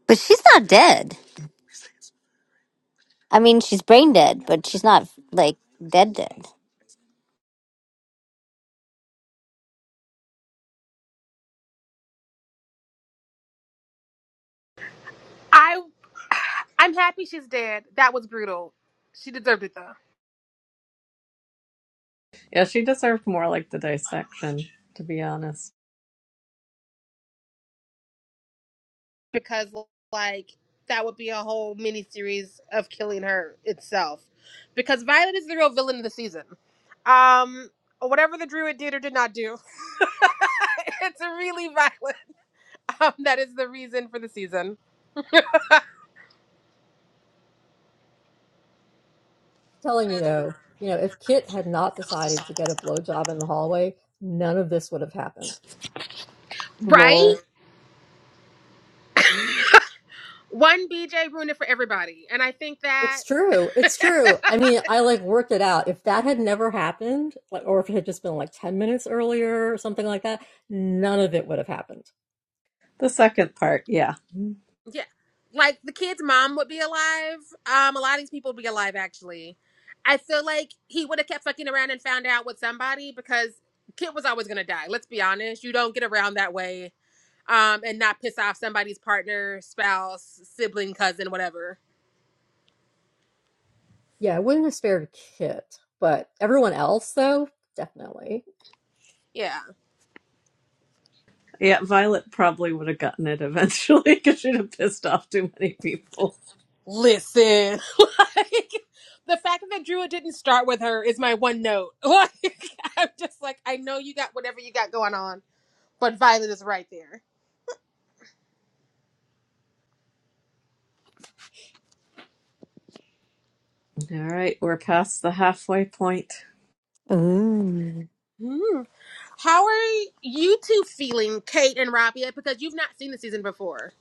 [SPEAKER 3] but she's not dead. I mean, she's brain dead, but she's not like dead dead.
[SPEAKER 1] I, I'm happy she's dead. That was brutal. She deserved it though.
[SPEAKER 2] Yeah, she deserved more like the dissection, to be honest.
[SPEAKER 1] because like that would be a whole mini series of killing her itself because violet is the real villain of the season um whatever the druid did or did not do it's really Violet. um, that is the reason for the season
[SPEAKER 4] I'm Telling you though, you know, if Kit had not decided to get a blowjob in the hallway, none of this would have happened.
[SPEAKER 1] Right?
[SPEAKER 3] Lol.
[SPEAKER 1] one bj ruined it for everybody and i think that
[SPEAKER 4] It's true. It's true. I mean, I like worked it out. If that had never happened, like, or if it had just been like 10 minutes earlier or something like that, none of it would have happened.
[SPEAKER 2] The second part, yeah.
[SPEAKER 1] Yeah. Like the kid's mom would be alive. Um, a lot of these people would be alive actually. I feel like he would have kept fucking around and found out with somebody because kid was always gonna die. Let's be honest. You don't get around that way um and not piss off somebody's partner, spouse, sibling, cousin, whatever.
[SPEAKER 4] Yeah, I wouldn't have spared Kit, but everyone else, though, definitely.
[SPEAKER 1] Yeah.
[SPEAKER 2] Yeah, Violet probably would have gotten it eventually because she'd have pissed off too many people.
[SPEAKER 1] Listen. like the fact that Drew didn't start with her is my one note. Like I'm just like, I know you got whatever you got going on, but Violet is right there.
[SPEAKER 2] All right, we're past the halfway point.
[SPEAKER 3] Ooh.
[SPEAKER 1] Hmm. How are you two feeling, Kate and Rabia? Because you've not seen the season before.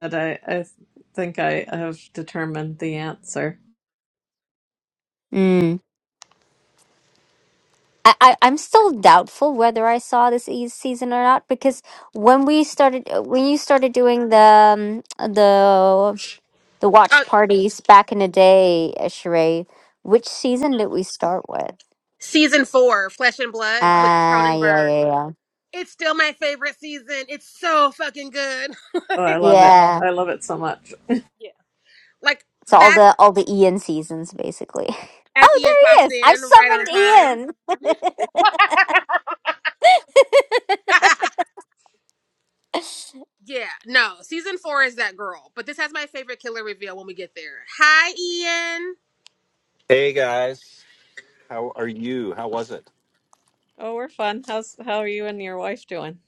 [SPEAKER 2] But I, I think I have determined the answer.
[SPEAKER 3] Mm. I, I, I'm still doubtful whether I saw this e- season or not because when we started, uh, when you started doing the um, the the
[SPEAKER 1] Uh,
[SPEAKER 3] watch parties back in the day, uh, Sheree, which season did we start with?
[SPEAKER 1] season four, Flesh and Blood with
[SPEAKER 3] Ah, yeah,
[SPEAKER 1] Cronenberg.
[SPEAKER 3] yeah,
[SPEAKER 1] It's still my favorite season. It's so fucking good.
[SPEAKER 2] Oh, I
[SPEAKER 1] like,
[SPEAKER 3] yeah.
[SPEAKER 2] love it.
[SPEAKER 3] Yeah,
[SPEAKER 2] I love it so much.
[SPEAKER 1] yeah. Like
[SPEAKER 3] So all
[SPEAKER 1] that's
[SPEAKER 3] the all the Ian seasons basically.
[SPEAKER 1] as
[SPEAKER 3] Oh,
[SPEAKER 1] Ian
[SPEAKER 3] there he
[SPEAKER 1] pops
[SPEAKER 3] is. I've
[SPEAKER 1] in right on time.
[SPEAKER 3] summoned Ian.
[SPEAKER 1] yeah. No, season four is that girl. But this has my favorite killer reveal when we get there. Hi, Ian.
[SPEAKER 6] Hey guys, how are you? How was it?
[SPEAKER 2] Oh, we're fun. How's how are you and your wife doing?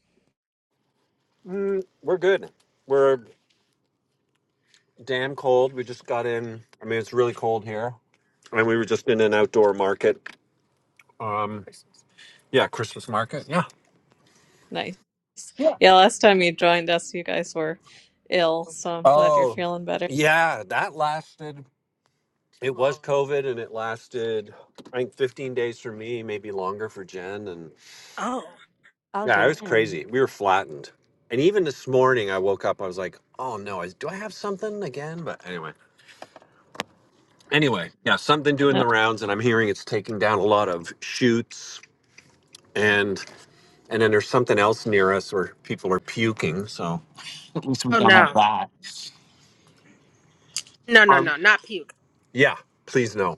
[SPEAKER 6] Mm, we're good. We're damn cold. We just got in. I mean, it's really cold here, and we were just in an outdoor market. Um, yeah, Christmas market. Yeah.
[SPEAKER 2] Nice.
[SPEAKER 6] Yeah.
[SPEAKER 2] Yeah, last time you joined us, you guys were ill, so I'm glad you're
[SPEAKER 6] Oh,
[SPEAKER 2] feeling better.
[SPEAKER 6] yeah. That lasted. It was COVID, and it lasted. I think 15 days for me, maybe longer for Jen. And
[SPEAKER 1] Oh.
[SPEAKER 3] oh
[SPEAKER 6] yeah, it was
[SPEAKER 3] damn.
[SPEAKER 6] crazy. We were flattened. And even this morning, I woke up. I was like, "Oh no, is, do I have something again?" But anyway. anyway, yeah, something doing
[SPEAKER 2] I
[SPEAKER 6] the rounds, and I'm hearing it's taking down a lot of shoots, and and then there's something else near us where people are puking. So
[SPEAKER 1] Oh no. No, no, no, not puke.
[SPEAKER 6] yeah, please no.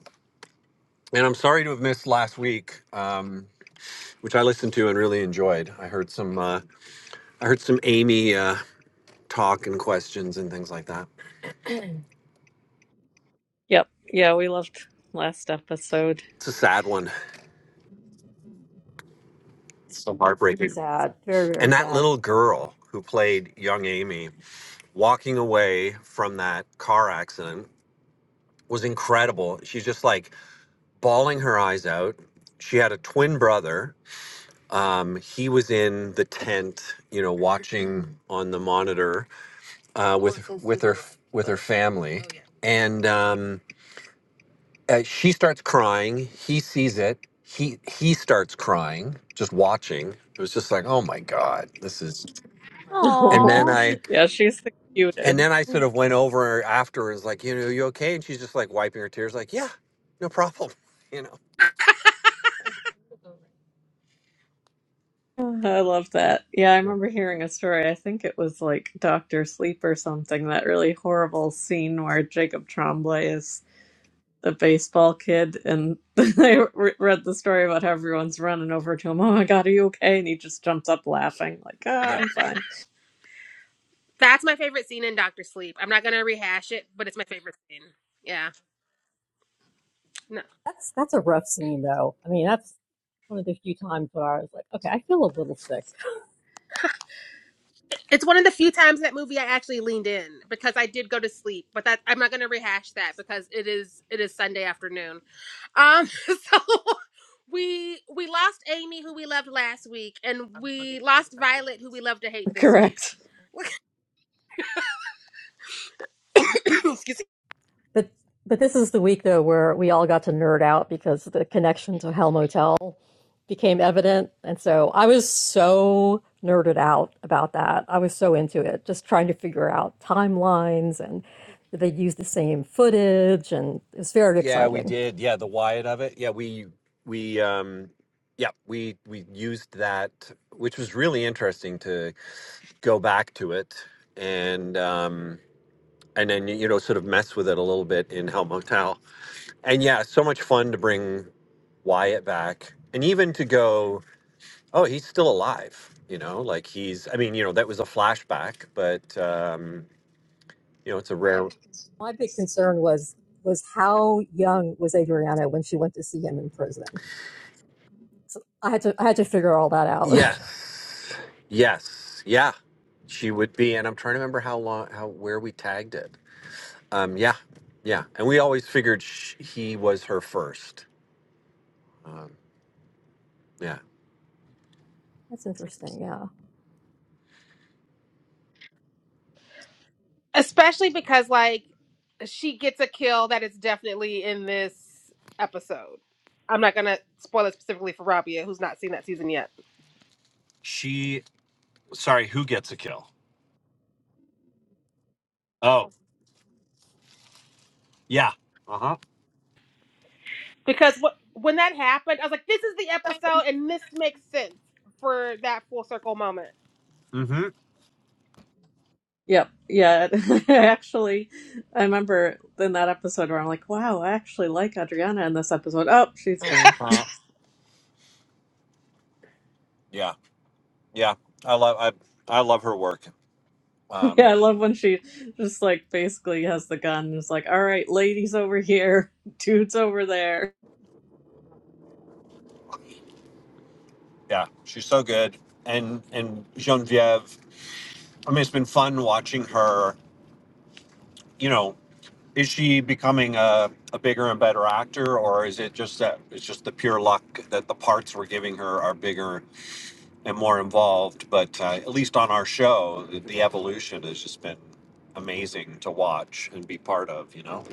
[SPEAKER 6] And I'm sorry to have missed last week, um, which I listened to and really enjoyed. I heard some uh, I heard some Amy uh, talk and questions and things like that.
[SPEAKER 2] Yep. Yeah, we loved last episode.
[SPEAKER 6] It's a sad one. It's so heartbreaking.
[SPEAKER 4] Sad. Very, very
[SPEAKER 6] And that
[SPEAKER 4] sad.
[SPEAKER 6] little girl who played young Amy walking away from that car accident was incredible. She's just like bawling her eyes out. She had a twin brother. Um, he was in the tent, you know, watching on the monitor uh, with with her with her family, and um, uh, she starts crying. He sees it. He he starts crying, just watching. It was just like, oh my god, this is. And
[SPEAKER 2] Oh,
[SPEAKER 6] then
[SPEAKER 3] Aww.
[SPEAKER 6] I
[SPEAKER 2] yeah, she's the
[SPEAKER 6] and
[SPEAKER 2] cutest.
[SPEAKER 6] then I sort of went over after and was like, you know, are you okay? And she's just like wiping her tears, like, yeah, no problem, you know.
[SPEAKER 2] I love that. Yeah, I remember hearing a story. I think it was like Doctor Sleep or something, that really horrible scene where Jacob Tremblay is the baseball kid and I re- read the story about how everyone's running over to him. Oh my god, are you okay? And he just jumps up laughing like, "Ah,
[SPEAKER 6] Yeah.
[SPEAKER 2] I'm fine."
[SPEAKER 1] That's my favorite scene in Doctor Sleep. I'm not gonna rehash it, but it's my favorite scene. Yeah. No.
[SPEAKER 4] That's that's a rough scene though. I mean, that's one of the few times where I was like, okay, I feel a little sick.
[SPEAKER 1] It's one of the few times that movie I actually leaned in because I did go to sleep, but that I'm not going to rehash that because it is it is Sunday afternoon. Um so we we lost Amy who we loved last week and we lost Violet who we love to hate this
[SPEAKER 2] Correct.
[SPEAKER 1] week. Excuse me.
[SPEAKER 4] But but this is the week though where we all got to nerd out because the connection to Hell Motel became evident, and so I was so nerded out about that. I was so into it, just trying to figure out timelines and did they use the same footage, and it was very
[SPEAKER 6] Yeah, we
[SPEAKER 4] exciting.
[SPEAKER 6] did. Yeah, the Wyatt of it. Yeah, we we um yeah, we we used that which was really interesting to go back to it and um and then you know sort of mess with it a little bit in Hell Motel. And yeah, so much fun to bring Wyatt back and even to go, oh, he's still alive, you know, like he's I mean, you know, that was a flashback, but um you know, it's a rare.
[SPEAKER 4] My big concern was was how young was Adriana when she went to see him in prison I had to I had to figure all that out.
[SPEAKER 6] Yes. Yes. Yeah. She would be. And I'm trying to remember how long, how, where we tagged it. Um, yeah. Yeah. And we always figured sh- he was her first. Um, yeah.
[SPEAKER 4] That's interesting. Yeah,
[SPEAKER 1] Especially because like she gets a kill that is definitely in this episode. I'm not going to spoil it specifically for Rabia who's not seen that season yet.
[SPEAKER 6] She, sorry, who gets a kill? Oh, yeah. Uh huh.
[SPEAKER 1] because what when that happened, I was like, this is the episode, and this makes sense for that full circle moment.
[SPEAKER 6] Mm hmm.
[SPEAKER 2] Yep. Yeah. actually, I remember in that episode where I'm like, wow, I actually like Adriana in this episode. Oh, she's gone.
[SPEAKER 6] Uh, yeah. Yeah. I love, I, I love her work.
[SPEAKER 2] yeah.
[SPEAKER 6] Um,
[SPEAKER 2] I love when she just like basically has the gun and is like, all right, ladies over here, dudes over there.
[SPEAKER 6] yeah. She's so good. And, and Genevieve, I mean, it's been fun watching her, you know, Is she becoming a, a bigger and better actor, or is it just that it's just the pure luck that the parts we're giving her are bigger and more involved? But uh, at least on our show, the, the evolution has just been amazing to watch and be part of. You know?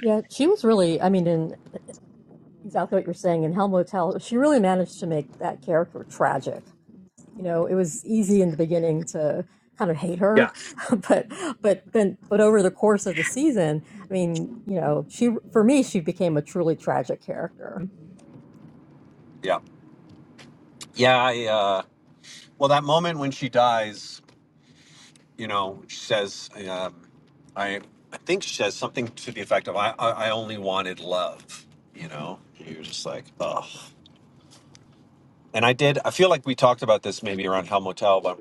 [SPEAKER 4] yeah. She was really. I mean, in exactly what you're saying in Hell Motel, she really managed to make that character tragic. you know it was easy in the beginning to kind of hate
[SPEAKER 6] Yeah.
[SPEAKER 4] her but but then but over the course of the season i mean you know she for me she became a truly tragic character
[SPEAKER 6] Yeah, yeah. I, uh, well, that moment when she dies, you know, she says, um, "I." I think she says something to the effect of, "I, I, I only wanted love." You know, you're just like, "Oh." And I did, I feel like we talked about this maybe around Hell Motel, but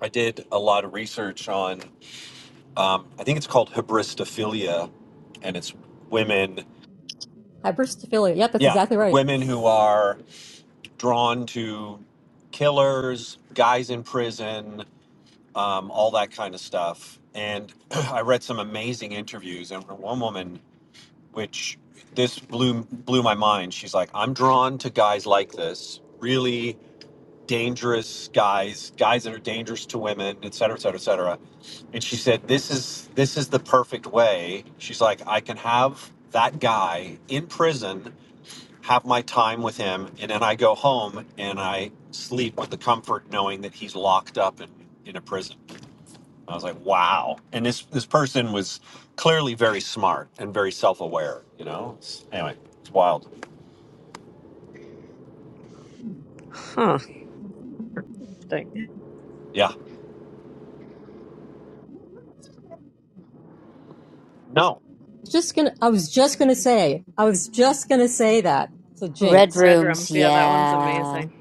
[SPEAKER 6] I did a lot of research on, um, I think it's called hybristophilia, and it's women,
[SPEAKER 4] hyperstophilia yep that's
[SPEAKER 6] yeah,
[SPEAKER 4] exactly right
[SPEAKER 6] women who are drawn to killers, guys in prison, um, all that kind of stuff. And I read some amazing interviews, and one woman, which this blew blew my mind. She's like, "I'm drawn to guys like this, really dangerous guys, guys that are dangerous to women, et cetera, et cetera, et cetera. And she said, This is this is the perfect way. She's like, I can have that guy in prison, have my time with him, and then I go home and I sleep with the comfort knowing that he's locked up in, in a prison. I was like, wow. And this this person was clearly very smart and very self aware, you know? It's- anyway, it's wild.
[SPEAKER 2] Huh. Dang.
[SPEAKER 6] Yeah. No.
[SPEAKER 4] Just gonna, I was just gonna say, I was just gonna say that. So
[SPEAKER 3] Red
[SPEAKER 4] Jinx,
[SPEAKER 2] Red
[SPEAKER 3] rooms,
[SPEAKER 2] Rooms. Yeah. That one's
[SPEAKER 3] yeah.
[SPEAKER 2] amazing.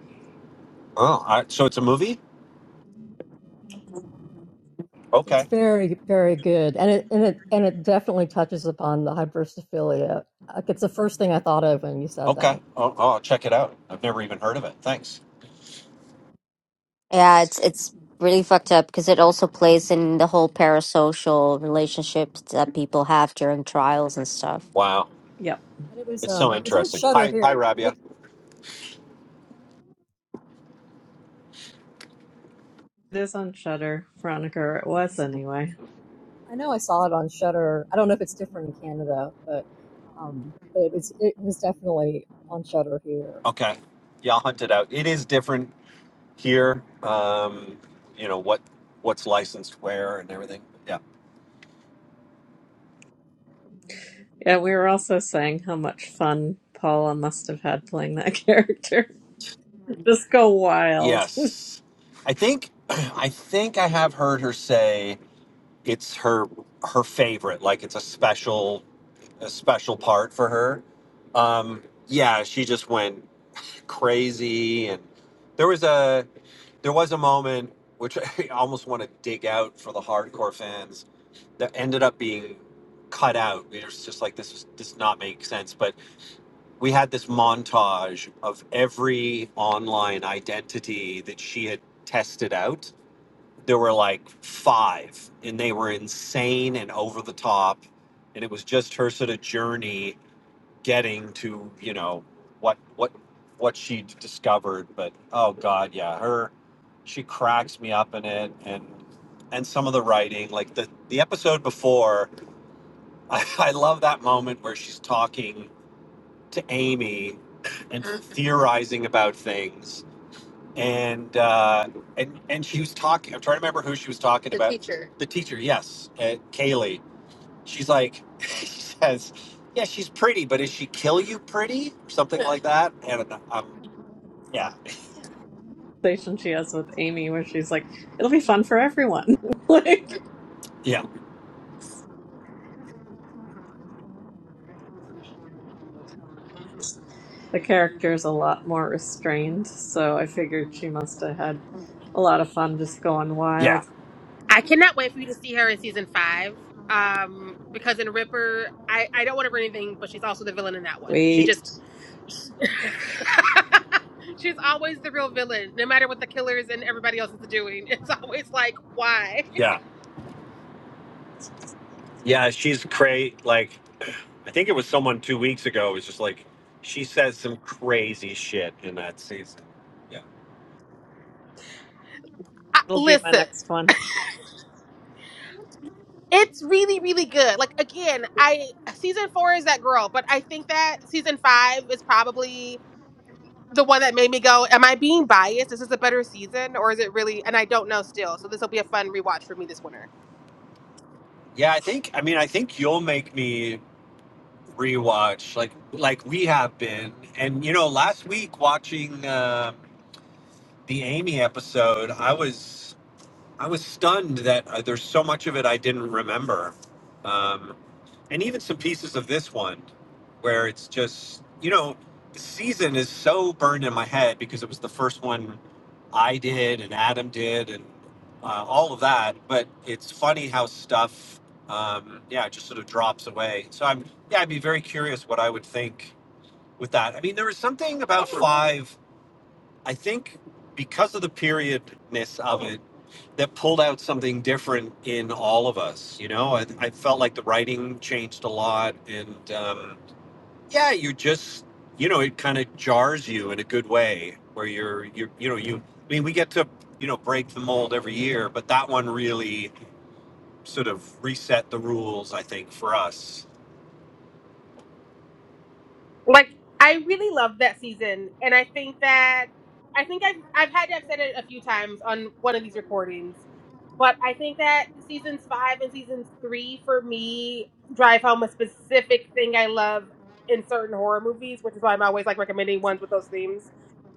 [SPEAKER 6] Oh, all right. so it's a movie?
[SPEAKER 4] it's
[SPEAKER 6] Okay.
[SPEAKER 4] very, very good, and it and it and it definitely touches upon the hypersophilia. Like it's the first thing I thought of when you said
[SPEAKER 6] Okay.
[SPEAKER 4] that,
[SPEAKER 6] I'll, I'll check it out. I've never even heard of it. Thanks.
[SPEAKER 3] Yeah, it's it's really fucked up because it also plays in the whole parasocial relationships that people have during trials and stuff.
[SPEAKER 6] Wow.
[SPEAKER 2] Yep.
[SPEAKER 4] and it was
[SPEAKER 6] It's
[SPEAKER 4] um,
[SPEAKER 6] so
[SPEAKER 4] it was on
[SPEAKER 6] interesting.
[SPEAKER 4] Shutter
[SPEAKER 6] Hi, hi,
[SPEAKER 4] here. It was
[SPEAKER 6] Rabia.
[SPEAKER 2] It is on Shudder, Veronica, or it was anyway.
[SPEAKER 4] I know I saw it on Shutter. I don't know if it's different in Canada, but um, but it was it was definitely on Shutter here.
[SPEAKER 6] Okay. Yeah, I'll hunt it out. It is different here. Um, you know what what's licensed where and everything. Yeah.
[SPEAKER 2] Yeah. We were also saying how much fun Paula must have had playing that character. just go wild.
[SPEAKER 6] Yes. I think I think I have heard her say it's her her favorite. Like it's a special a special part for her. Um, yeah, she just went crazy and there was a There was a moment which I almost want to dig out for the hardcore fans that ended up being cut out. It was just like this is- does not make sense. But we had this montage of every online identity that she had tested out. There were like five, and they were insane and over the top. And it was just her sort of journey getting to you know what what what she discovered but oh god yeah her she cracks me up in it and and some of the writing like the the episode before i, I love that moment where she's talking to amy and theorizing about things and uh and and she was talking i'm trying to remember who she was talking about The the teacher yes uh, kaylee She's like, she says, yeah, she's pretty, but is she kill you pretty or something like that? And um, yeah,
[SPEAKER 2] conversation she has with Amy where she's like, it'll be fun for everyone. like,
[SPEAKER 6] yeah,
[SPEAKER 2] the character is a lot more restrained, so I figured she must have had a lot of fun just going
[SPEAKER 6] yeah,
[SPEAKER 2] wild.
[SPEAKER 1] I cannot wait for you to see her in season five. Um, because in Ripper, I I don't want to ruin anything, but she's also the villain in that one. She
[SPEAKER 2] Sweet.
[SPEAKER 1] just she's always the real villain, no matter what the killers and everybody else is doing. It's always like, why?
[SPEAKER 6] yeah, yeah. She's crazy. Like, I think it was someone two weeks ago. It was just like she says some crazy shit in that season. Yeah,
[SPEAKER 1] I,
[SPEAKER 2] It'll be my
[SPEAKER 1] listen.
[SPEAKER 2] next one.
[SPEAKER 1] It's really, really good. Like again, I season four is that girl, but I think that season five is probably the one that made me go, Am I being biased? Is this a better season? Or is it really and I don't know still. So this will be a fun rewatch for me this winter.
[SPEAKER 6] yeah. I think. I mean, I think you'll make me rewatch like like we have been. And you know, last week watching uh, the Amy episode, I was. I was stunned that uh, there's so much of it I didn't remember, um, and even some pieces of this one, where it's just you know, the season is so burned in my head because it was the first one I did and Adam did and uh, all of that. But it's funny how stuff, um, yeah, it just sort of drops away. So I'm yeah, I'd be very curious what I would think with that. I mean, there was something about five. I think because of the periodness of it that pulled out something different in all of us. You know, I, I felt like the writing changed a lot, and um, yeah, you just you know it kind of jars you in a good way where you're you are you know you I mean we get to you know break the mold every year, but that one really sort of reset the rules I think for us.
[SPEAKER 1] Like I really loved that season. And I think that I think I've I've had to have said it a few times on one of these recordings. But I think that seasons five and seasons three for me drive home a specific thing I love in certain horror movies, which is why I'm always like recommending ones with those themes.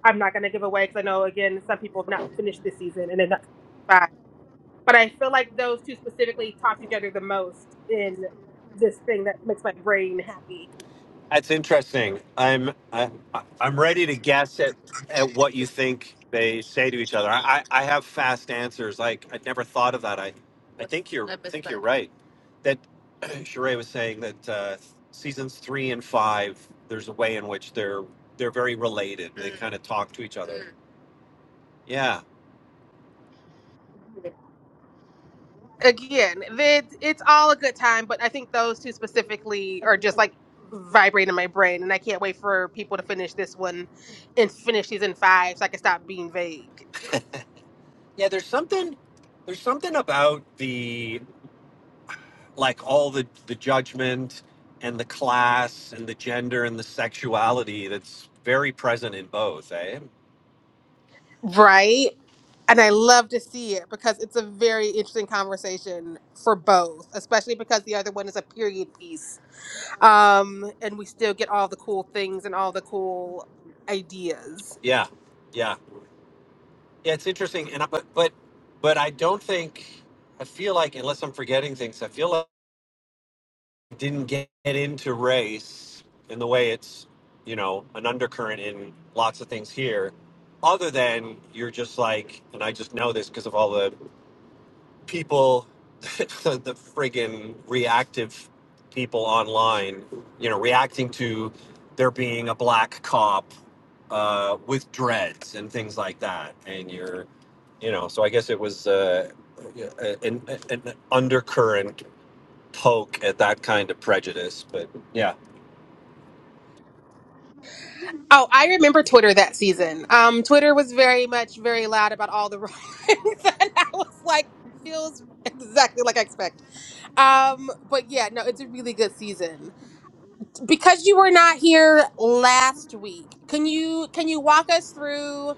[SPEAKER 1] I'm not gonna give away because I know again some people have not finished this season and they're not five. But I feel like those two specifically talk to each other the most in this thing that makes my brain happy.
[SPEAKER 6] That's interesting. I'm I, I- I'm ready to guess at at what you think they say to each other. I, I, I have fast answers. Like I'd never thought of that. I I think you're I think you're right. That Sheree was saying that uh, seasons three and five, there's a way in which they're they're very related. They kind of talk to each other. Yeah,
[SPEAKER 1] Again, they, it's all a good time, but I think those two specifically are just like vibrating in my brain, and I can't wait for people to finish this one and finish season five so I can stop being vague.
[SPEAKER 6] yeah. There's something there's something about the like all the the judgment and the class and the gender and the sexuality that's very present in both eh
[SPEAKER 1] Right? And I love to see it because it's a very interesting conversation for both, especially because the other one is a period piece um and we still get all the cool things and all the cool ideas
[SPEAKER 6] yeah yeah yeah it's interesting and I, but but but i don't think i feel like unless i'm forgetting things i feel like I didn't get into race in the way it's you know an undercurrent in lots of things here other than you're just like and i just know this because of all the people, the the friggin' reactive people online, you know, reacting to there being a black cop uh, with dreads and things like that. And you're, you know, so I guess it was uh, a- an, an undercurrent poke at that kind of prejudice. But yeah.
[SPEAKER 1] oh i remember twitter that season um twitter was very much very loud about all the wrongs and i was like feels exactly like i expect um but yeah no it's a really good season because you were not here last week can you can you walk us through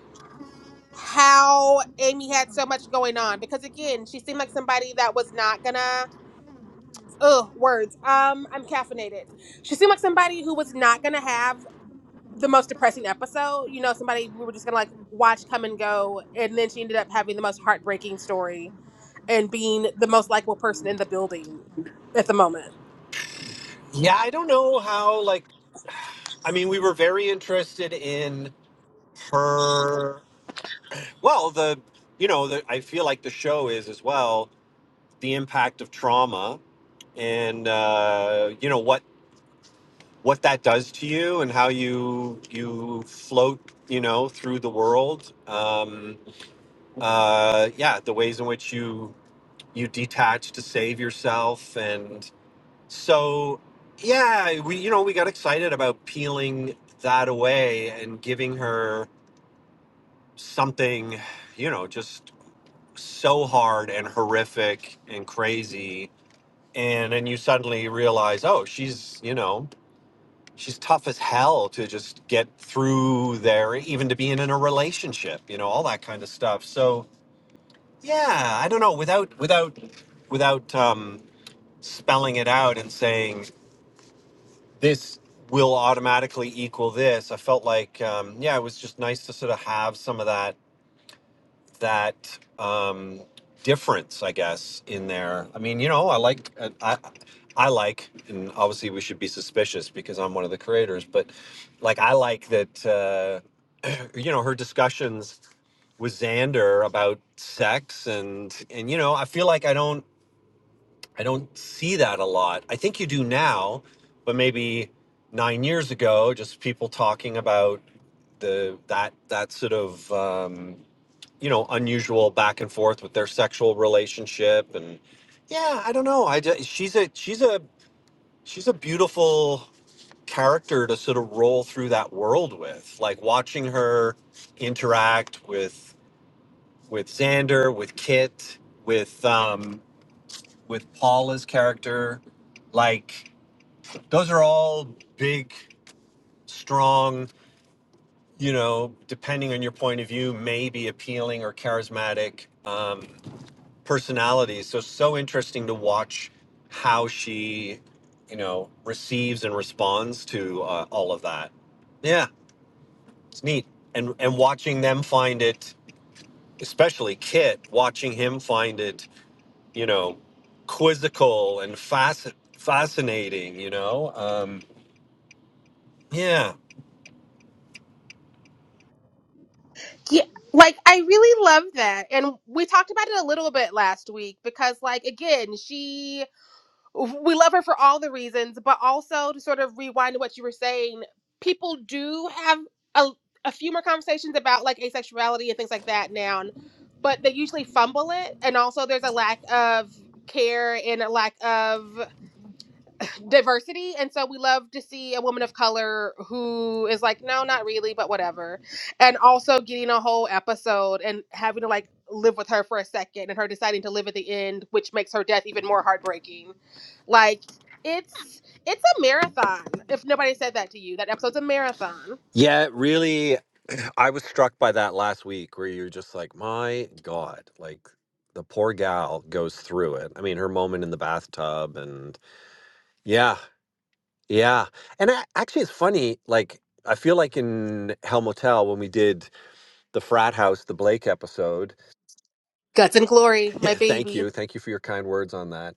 [SPEAKER 1] how amy had so much going on because again she seemed like somebody that was not gonna Ugh, words. Um, I'm caffeinated. She seemed like somebody who was not gonna have the most depressing episode. You know, somebody we were just gonna like watch come and go, and then she ended up having the most heartbreaking story and being the most likable person in the building at the moment.
[SPEAKER 6] Yeah, I don't know how, like, I mean, we were very interested in her. Well, the, you know, the, I feel like the show is as well the impact of trauma and uh, you know what what that does to you and how you you float you know through the world um, uh, yeah the ways in which you you detach to save yourself and so yeah we you know we got excited about peeling that away and giving her something you know just so hard and horrific and crazy and then you suddenly realize oh she's you know she's tough as hell to just get through there even to being in a relationship you know all that kind of stuff so yeah i don't know without without without um, spelling it out and saying this will automatically equal this i felt like um, yeah it was just nice to sort of have some of that that um, difference, I guess, in there. I mean, you know, I like, uh, I, I like, and obviously we should be suspicious because I'm one of the creators, but like, I like that, uh, you know, her discussions with Xander about sex and, and, you know, I feel like I don't, I don't see that a lot. I think you do now, but maybe nine years ago, just people talking about the, that, that sort of, um, you know unusual back and forth with their sexual relationship and yeah i don't know i just, she's a she's a she's a beautiful character to sort of roll through that world with like watching her interact with with xander with kit with um with paula's character like those are all big strong you know depending on your point of view maybe appealing or charismatic um personalities. So so interesting to watch how she, you know, receives and responds to uh, all of that. Yeah, it's neat. And and watching them find it, especially Kit, watching him find it, you know, quizzical and fasc- fascinating. You know, um, yeah.
[SPEAKER 1] Yeah, like I really love that. And we talked about it a little bit last week because like again, she we love her for all the reasons, but also to sort of rewind to what you were saying, people do have a, a few more conversations about like asexuality and things like that now, and- but they usually fumble it. And also, there's a lack of care and a lack of diversity and so we love to see a woman of color who is like no not really but whatever and also getting a whole episode and having to like live with her for a second and her deciding to live at the end which makes her death even more heartbreaking like it's it's a marathon if nobody said that to you that episode's a marathon
[SPEAKER 6] Yeah, it really. I was struck by that last week where you're just like, my God, like the poor gal goes through it. I mean, her moment in the bathtub and Yeah, yeah. And a actually, it's funny, like, I feel like in Hell Motel, when we did the frat house, the Blake episode,
[SPEAKER 1] guts and glory my
[SPEAKER 6] Yeah, thank
[SPEAKER 1] baby
[SPEAKER 6] you. Thank you for your kind words on that.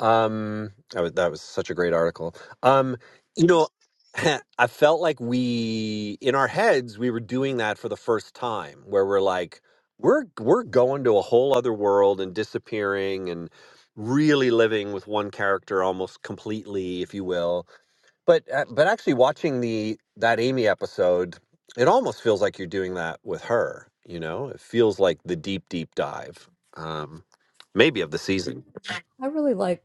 [SPEAKER 6] Um, that was, that was such a great article. Um, you know, I felt like we, in our heads, we were doing that for the first time, where we're like, we're we're going to a whole other world and disappearing and really living with one character almost completely, if you will but uh, but actually watching the that Amy episode, it almost feels like you're doing that with her, you know? It feels like the deep deep dive. Um maybe of the season.
[SPEAKER 4] I really like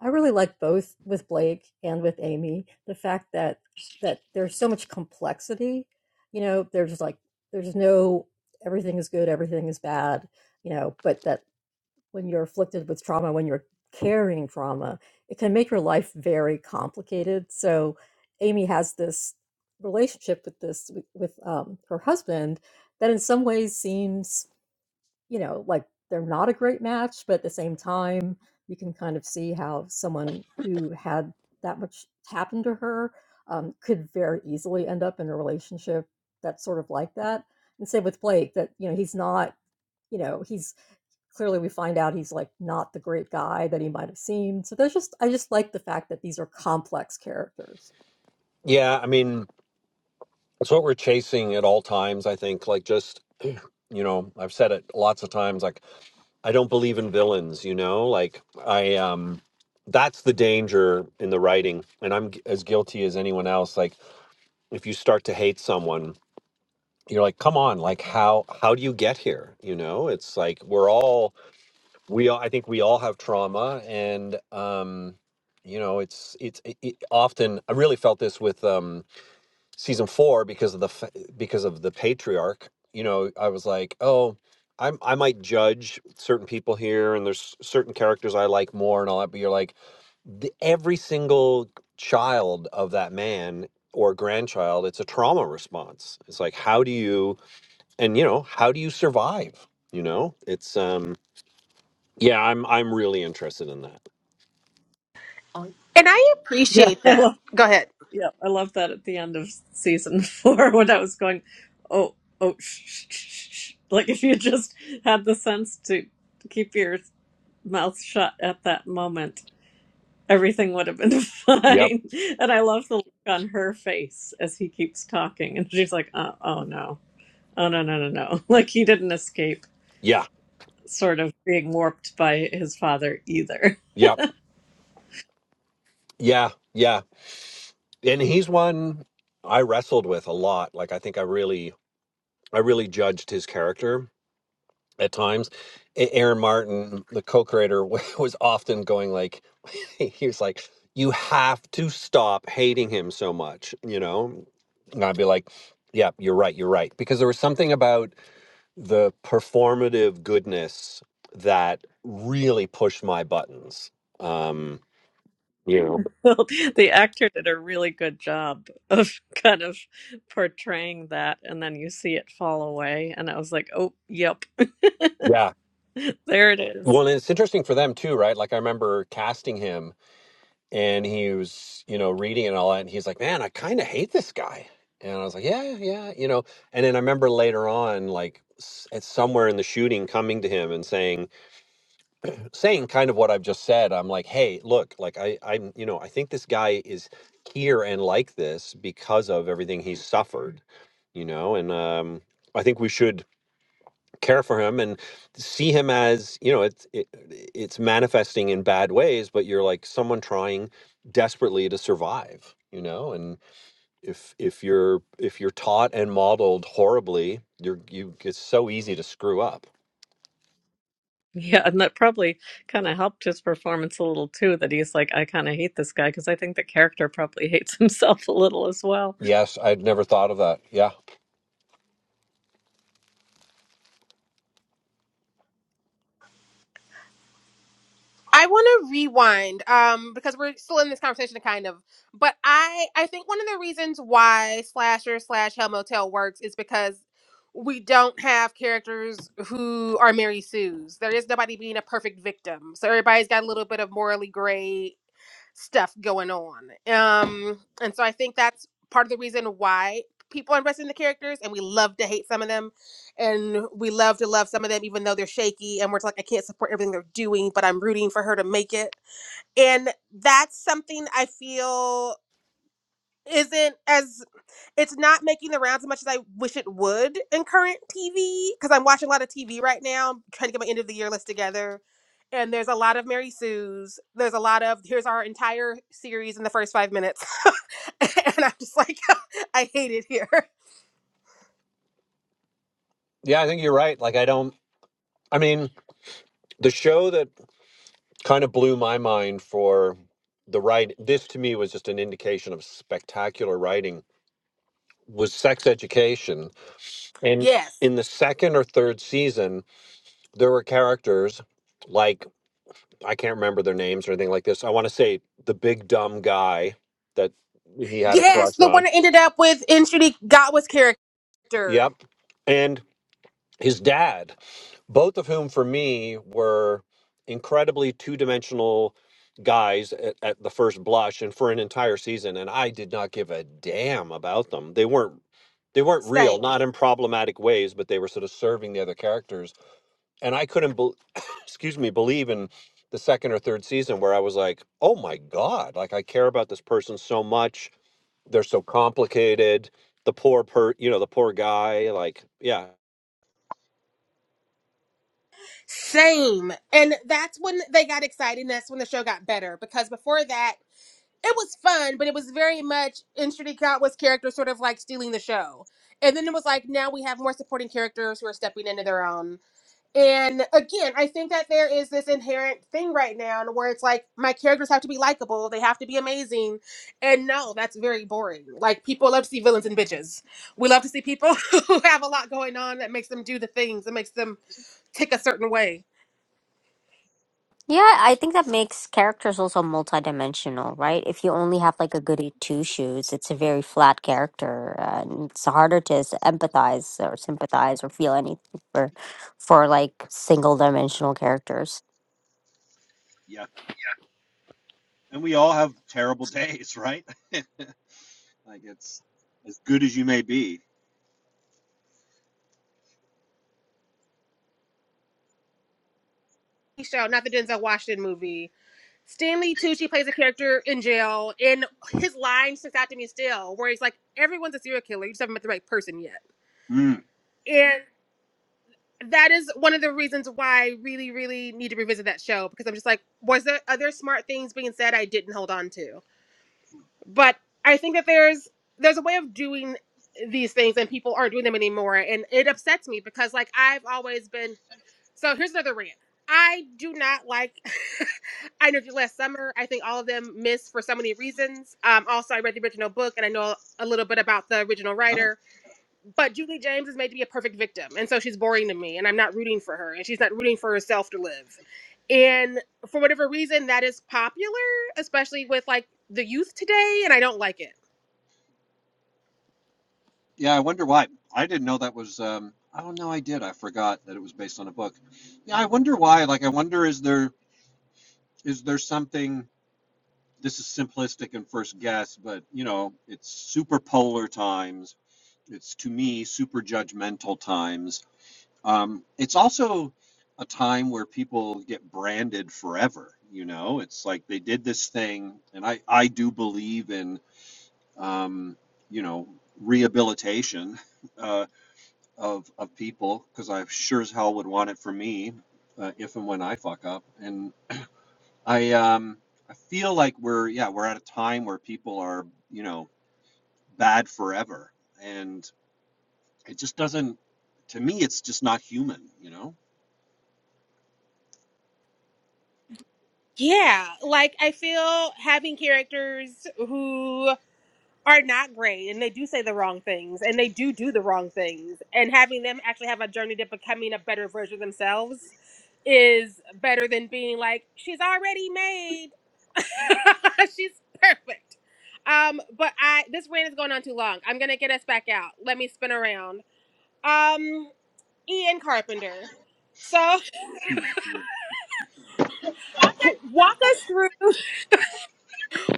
[SPEAKER 4] I really like both with Blake and with Amy. The fact that that there's so much complexity, you know, there's like there's no everything is good, everything is bad, you know, but that when you're afflicted with trauma, when you're carrying trauma, it can make your life very complicated. So Amy has this relationship with this with um, her husband that in some ways seems you know, like they're not a great match, but at the same time, you can kind of see how someone who had that much happen to her um, could very easily end up in a relationship that's sort of like that. And same with Blake, that, you know, he's not, you know, he's clearly we find out he's like not the great guy that he might have seemed. So there's just, I just like the fact that these are complex characters.
[SPEAKER 6] Yeah, I mean, it's what we're chasing at all times, I think, like just you know, I've said it lots of times like I don't believe in villains, you know? Like I um that's the danger in the writing and I'm g- as guilty as anyone else like if you start to hate someone you're like come on like how how do you get here you know it's like we're all we all i think we all have trauma and um you know it's it's it, it often i really felt this with um season 4 because of the fa- because of the patriarch you know i was like oh I, am I might judge certain people here and there's certain characters i like more and all that but you're like the, every single child of that man or grandchild it's a trauma response it's like how do you and you know how do you survive you know it's um yeah i'm i'm really interested in that
[SPEAKER 1] and i
[SPEAKER 2] Yeah.
[SPEAKER 1] appreciate
[SPEAKER 2] I
[SPEAKER 1] that
[SPEAKER 2] love,
[SPEAKER 1] go ahead
[SPEAKER 2] yeah, I love that at the end of season four when I was going, oh, oh, shh, shh, shh, shh. Like, if you just had the sense to keep your mouth shut at that moment, everything would have been
[SPEAKER 6] yep
[SPEAKER 2] fine. And I love the look on her face as he keeps talking. And she's like, uh, oh no, oh no, no, no, no. Like he didn't escape
[SPEAKER 6] yeah
[SPEAKER 2] sort of being warped by his father either.
[SPEAKER 6] yep yeah yeah and he's one i wrestled with a lot like i think i really i really judged his character at times A- aaron martin the co-creator was often going like he was like you have to stop hating him so much you know and i'd be like yeah you're right you're right because there was something about the performative goodness that really pushed my buttons. Um, you know,
[SPEAKER 2] Well, the actor did a really good job of kind of portraying that. And then you see it fall away. And I was like, oh, yep,
[SPEAKER 6] yeah.
[SPEAKER 2] there it is.
[SPEAKER 6] Well, and it's interesting for them too, right? Like I remember casting him, and he was, you know, reading and all that, and he's like, "Man, I kind of hate this guy." And I was like, "Yeah, yeah," you know. And then I remember later on, like, s- it's somewhere in the shooting, coming to him and saying. saying kind of what I've just said, I'm like, hey, look, like I, I'm, you know, I think this guy is here and like this because of everything he's suffered, you know, and um, I think we should care for him and see him as, you know, it's it, it's manifesting in bad ways, but you're like someone trying desperately to survive, you know, and if if you're if you're taught and modeled horribly, you're you it's so easy to screw up.
[SPEAKER 2] Yeah, and that probably kind of helped his performance a little too, that he's like, I kind of hate this guy because I think the character probably hates himself a little as well.
[SPEAKER 6] Yes, I'd never thought of that. Yeah.
[SPEAKER 1] I want to rewind um, because we're still in this conversation, kind of. But I, I think one of the reasons why slasher slash Hell Motel works is because we don't have characters who are Mary Sue's. There is nobody being a perfect victim, so everybody's got a little bit of morally gray stuff going on. Um, and so I think that's part of the reason why people invest in the characters and we love to hate some of them and we love to love some of them even though they're shaky and we're like I can't support everything they're doing but I'm rooting for her to make it. And that's something I feel isn't as it's not making the rounds as much as I wish it would in current TV because I'm watching a lot of TV right now. I'm trying to get my end of the year list together. And there's a lot of Mary Sue's. There's a lot of here's our entire series in the first five minutes. and I'm just like, I hate it here.
[SPEAKER 6] Yeah, I think you're right. Like I don't I mean, the show that kind of blew my mind for the right this to me was just an indication of spectacular writing was Sex Education. And
[SPEAKER 1] Yes.
[SPEAKER 6] in the second or third season, there were characters like I can't remember their names or anything like this. I want to say the big dumb guy that he had a
[SPEAKER 1] Yes,
[SPEAKER 6] crush
[SPEAKER 1] the
[SPEAKER 6] on.
[SPEAKER 1] one that ended up with in Judy Godwin's character.
[SPEAKER 6] Yep. And his dad. both of whom for me were incredibly two-dimensional guys at, at the first blush and for an entire season and I did not give a damn about them. They weren't they weren't real,
[SPEAKER 1] Same.
[SPEAKER 6] not in problematic ways, but they were sort of serving the other characters. And I couldn't bel excuse me, believe in the second or third season where I was like, "Oh my god, like I care about this person so much. They're so complicated. The poor per, you know, the poor guy, like yeah,
[SPEAKER 1] Same. And that's when they got excited. And that's when the show got better. Because before that, it was fun, but it was very much Infinity Gatwa's character sort of like stealing the show. And then it was like now we have more supporting characters who are stepping into their own. And again, I think that there is this inherent thing right now where it's like my characters have to be likable, they have to be amazing. And no, that's very boring. Like people love to see villains and bitches. We love to see people who have a lot going on that makes them do the things that makes them tick a certain way.
[SPEAKER 3] Yeah, I think that makes characters also multidimensional, right? If you only have like a goody two shoes, it's a very flat character, uh, and it's harder to s- empathize or sympathize or feel anything for for like single dimensional characters.
[SPEAKER 6] And we all have terrible days, right? like it's as good as you may be.
[SPEAKER 1] Show, not the Denzel Washington movie Stanley Tucci plays a character in jail, and his line sticks out to me still, where he's like, "Everyone's a serial killer. You just haven't met the right person yet."
[SPEAKER 6] Mm.
[SPEAKER 1] And that is one of the reasons why I really, really need to revisit that show because I'm just like, was there other smart things being said I didn't hold on to? But I think that there's there's a way of doing these things, and people aren't doing them anymore, and it upsets me because like I've always been So here's another rant. I do not like I know last summer. I think all of them miss for so many reasons. Um, also, I read the original book and I know a little bit about the original
[SPEAKER 6] Oh,
[SPEAKER 1] writer. But Julie James is made to be a perfect victim, and so she's boring to me, and I'm not rooting for her, and she's not rooting for herself to live. And for whatever reason, that is popular, especially with like the youth today, and I don't like it.
[SPEAKER 6] yeah. I wonder why. I didn't know that was. Um, I don't know. I did. I forgot that it was based on a book. Yeah, I wonder why. Like, I wonder is there is there something? This is simplistic and first guess, but you know, it's super polar times. It's to me super judgmental times Um, it's also a time where people get branded forever. You know, it's like they did this thing, and I I do believe in um, you know rehabilitation uh, of of people because I sure as hell would want it for me uh, if and when I fuck up, and I um I feel like we're yeah we're at a time where people are you know bad forever, and it just doesn't to me it's just not human. You know.
[SPEAKER 1] Yeah, like I feel having characters who are not great and they do say the wrong things and they do do the wrong things and having them actually have a journey to becoming a better version of themselves is better than being like she's already made she's perfect um but i this rant is going on too long i'm gonna get us back out let me spin around um ian carpenter so walk us through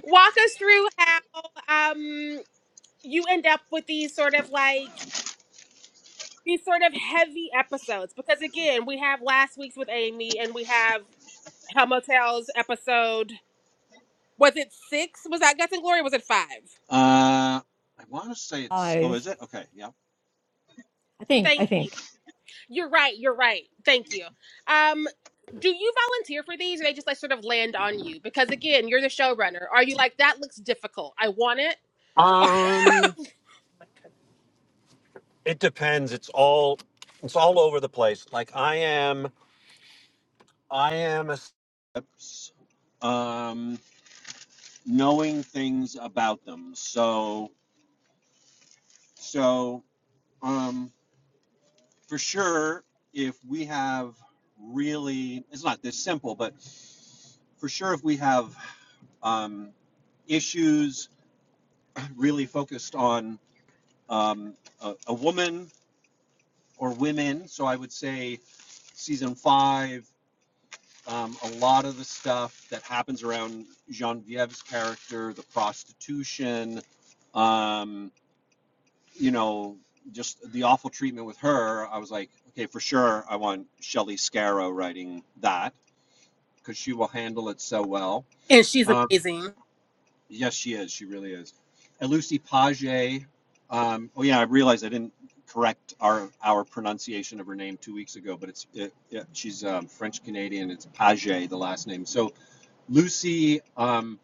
[SPEAKER 1] walk us through how um you end up with these sort of like these sort of heavy episodes because again we have last week's with amy and we have hell episode was it six was that guts and glory or was it five
[SPEAKER 6] Uh, I want to say it's. Oh,
[SPEAKER 4] I've,
[SPEAKER 6] is it? Okay. Yeah.
[SPEAKER 4] I think, I
[SPEAKER 1] thank you
[SPEAKER 4] think
[SPEAKER 1] you're right you're right thank you um do you volunteer for these or they just like sort of land on you because again you're the showrunner are you like that looks difficult i want it
[SPEAKER 6] Um, it depends. It's all it's all over the place. Like I am, I am a Oops. Um, knowing things about them. So, so um, for sure, if we have really, it's not this simple, but for sure, if we have um, issues really focused on um, a, a woman or women. So I would say season five, um, a lot of the stuff that happens around Genevieve's character, the prostitution, um, you know, just the awful treatment with her. I was like, okay, for sure, I want Shelley Scarrow writing that because she will handle it so well.
[SPEAKER 1] and she's
[SPEAKER 6] Um,
[SPEAKER 1] amazing
[SPEAKER 6] Yes, she is. She really is. And Lucy Page. Um, oh yeah, I realized I didn't correct our our pronunciation of her name two weeks ago, but it's it, it, she's um, French Canadian. It's Page, the last name. So Lucy, um,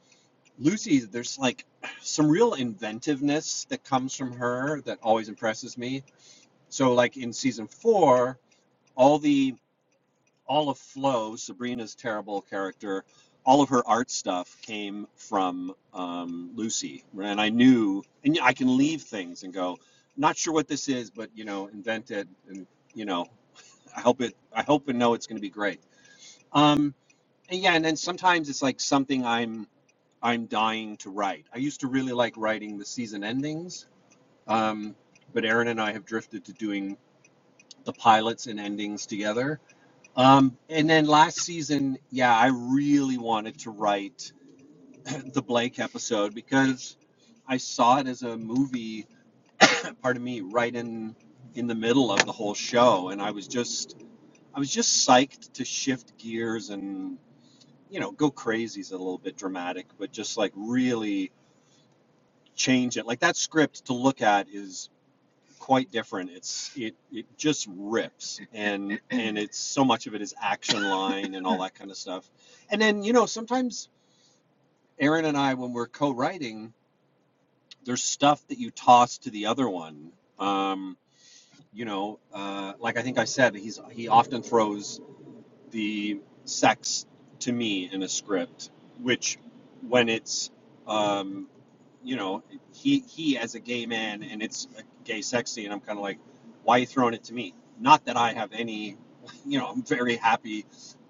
[SPEAKER 6] Lucy, there's like some real inventiveness that comes from her that always impresses me. So like in season four, all the all of Flo, Sabrina's terrible character, all of her art stuff came from um, Lucy, and I knew, and I can leave things and go, not sure what this is, but you know, invent it, and you know, I hope it, I hope and know it's going to be great. Um, and yeah, and then sometimes it's like something I'm, I'm dying to write. I used to really like writing the season endings, um, but Aaron and I have drifted to doing the pilots and endings together um, and then last season, yeah, I really wanted to write the Blake episode because I saw it as a movie, pardon me, right in in the middle of the whole show, and I was just I was just psyched to shift gears and you know go crazy is a little bit dramatic, but just like really change it. Like that script to look at is quite different. It's it it just rips, and and it's so much of it is action line and all that kind of stuff. And then you know sometimes Aaron and I when we're co-writing, there's stuff that you toss to the other one. Um, you know, uh, like I think I said, he's he often throws the sex to me in a script, which when it's, um, you know, he he as a gay man and it's a gay sex scene, I'm kind of like, why are you throwing it to me? Not that I have any, you know, I'm very happy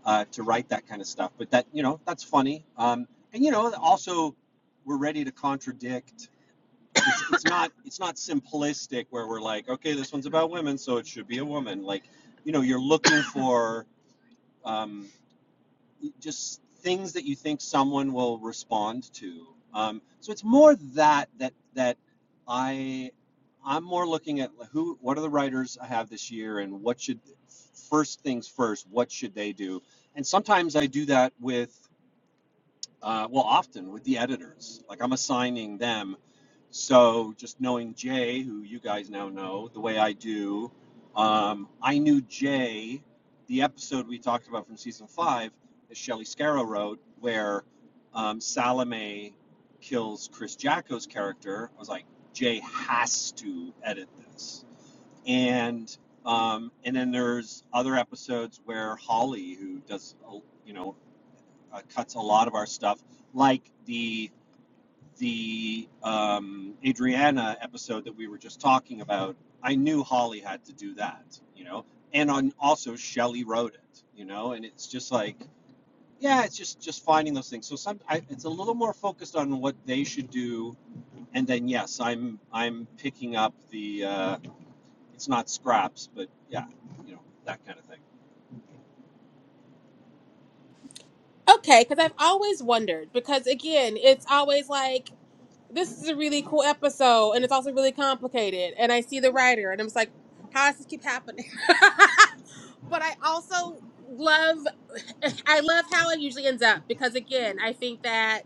[SPEAKER 6] uh, to write that kind of stuff, but that you know that's funny. Um, and you know, also we're ready to contradict. It's not it's not simplistic where we're like, okay, this one's about women, so it should be a woman. Like, you know, you're looking for. Um, just things that you think someone will respond to. Um, so it's more that that that I I'm more looking at who what are the writers I have this year and what should first things first what should they do and sometimes I do that with uh, well often with the editors like I'm assigning them so just knowing Jay, who you guys now know the way I do, um, I knew Jay, the episode we talked about from season five that Shelley Scarrow wrote, where um, Salome kills Chris Jacko's character. I was like, Jay has to edit this. And um, and then there's other episodes where Holly, who does, uh, you know, uh, cuts a lot of our stuff, like the the um, Adriana episode that we were just talking about, I knew Holly had to do that, you know, and on also Shelley wrote it, you know, and it's just like, yeah, it's just just finding those things. So some, I, it's a little more focused on what they should do, and then yes, I'm I'm picking up the, uh, it's not scraps, but yeah, you know, that kind of thing.
[SPEAKER 1] Okay, because I've always wondered. Because again, it's always like this is a really cool episode, and it's also really complicated. And I see the writer, and I'm just like, how does this keep happening? but I also love, I love how it usually ends up because again, I think that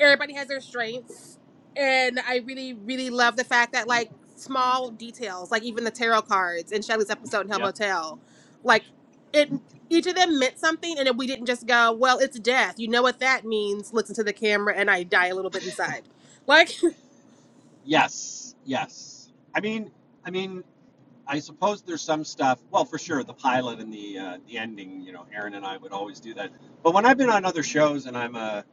[SPEAKER 1] everybody has their strengths and i really really love the fact that like small details like even the tarot cards in Shelley's episode in hell
[SPEAKER 6] Yep.
[SPEAKER 1] motel like it each of them meant something and then we didn't just go well it's death you know what that means looks into the camera and i die a little bit inside like
[SPEAKER 6] Yes, yes. I mean, I mean, I suppose there's some stuff. Well, for sure, the pilot and the uh, the ending. You know, Aaron and I would always do that. But when I've been on other shows and I'm a,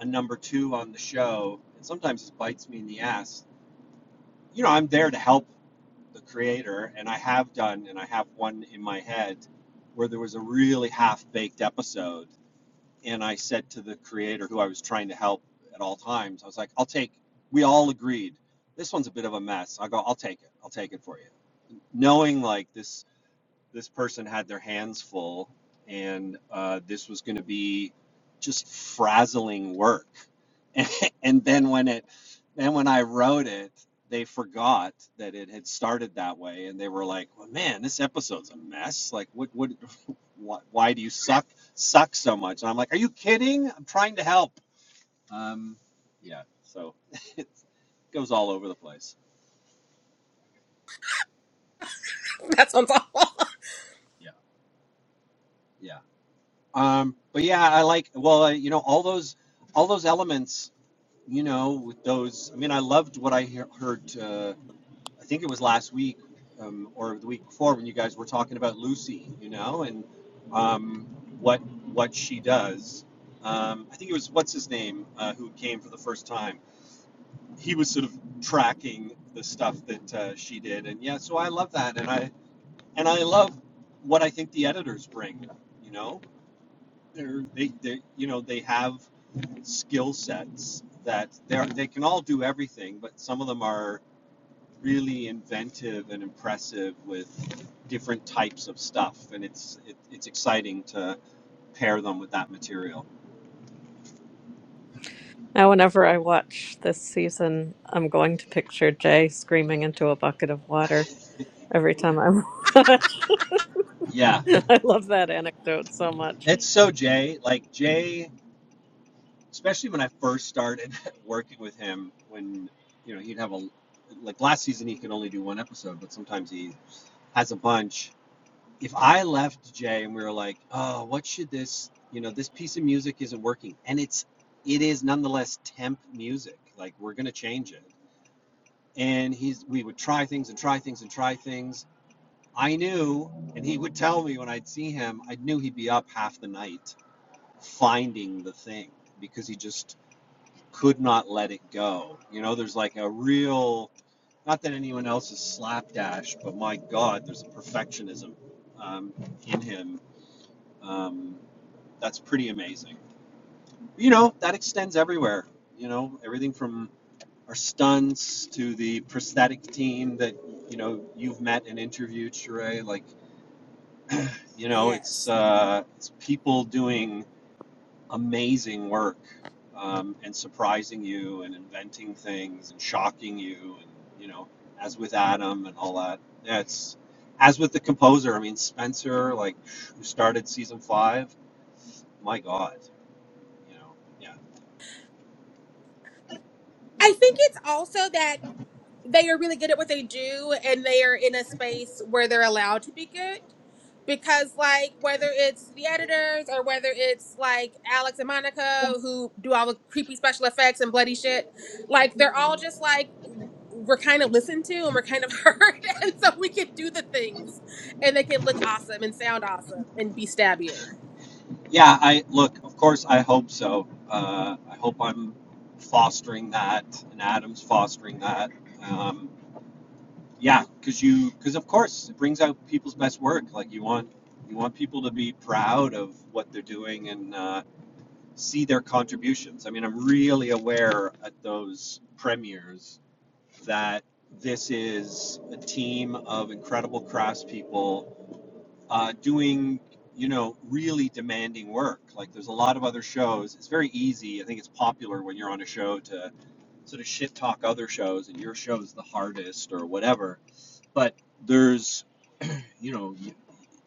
[SPEAKER 6] a number two on the show, and sometimes it bites me in the ass. You know, I'm there to help the creator, and I have done, and I have one in my head where there was a really half baked episode, and I said to the creator who I was trying to help at all times, I was like, "I'll take." We all agreed this one's a bit of a mess. I go, I'll take it. I'll take it for you, knowing like this this person had their hands full and uh, this was going to be just frazzling work and and then when it then when i wrote it they forgot that it had started that way and they were like well, man this episode's a mess like what what why, why do you suck suck so much and i'm like are you kidding i'm trying to help um yeah so it goes all over the place
[SPEAKER 1] that sounds awful
[SPEAKER 6] yeah yeah um but yeah i like well uh, you know all those all those elements you know, with those. I mean, I loved what I he- heard. Uh, I think it was last week um, or the week before when you guys were talking about Lucy, you know, and um, what what she does. Um, I think it was what's his name uh, who came for the first time. He was sort of tracking the stuff that uh, she did, and yeah, so I love that, and I and I love what I think the editors bring, you know, they're, they they you know they have skill sets that they they can all do everything, but some of them are really inventive and impressive with different types of stuff, and it's it, it's exciting to pair them with that material.
[SPEAKER 2] Now, whenever I watch this season, I'm going to picture Jay screaming into a bucket of water every time I watch.
[SPEAKER 6] Yeah,
[SPEAKER 2] I love that anecdote so much.
[SPEAKER 6] it's so Jay. Like Jay, especially when I first started working with him, when you know he'd have a like last season he could only do one episode, but sometimes he has a bunch if I left Jay and we were like, oh, what should this, you know, this piece of music isn't working, and it's, it is nonetheless temp music. Like we're gonna change it, and he's, we would try things and try things and try things. I knew, and he would tell me when I'd see him, I knew he'd be up half the night finding the thing because he just could not let it go. You know, there's like a real, not that anyone else is slapdash, but my God, there's a perfectionism um, in him um, that's pretty amazing. You know, that extends everywhere. You know, everything from our stunts to the prosthetic team that you know you've met and interviewed, Sheree. Like, you know, it's
[SPEAKER 1] yes
[SPEAKER 6] uh, it's people doing amazing work um, and surprising you and inventing things and shocking you. And you know, as with Adam and all that, yeah, it's as with the composer. I mean, Spencer, like who started season five. My God, you know yeah
[SPEAKER 1] i think it's also that they are really good at what they do and they are in a space where they're allowed to be good because like whether it's the editors or whether it's like alex and monica who do all the creepy special effects and bloody shit like they're all just like we're kind of listened to and we're kind of heard and so we can do the things and they can look awesome and sound awesome and be stabbier
[SPEAKER 6] yeah i look of course i hope so uh, i hope i'm fostering that and adam's fostering that um, yeah because you because of course it brings out people's best work like you want you want people to be proud of what they're doing and uh, see their contributions i mean i'm really aware at those premieres that this is a team of incredible craftspeople uh, doing you know really demanding work like there's a lot of other shows it's very easy i think it's popular when you're on a show to sort of shit talk other shows and your show's the hardest or whatever but there's you know you,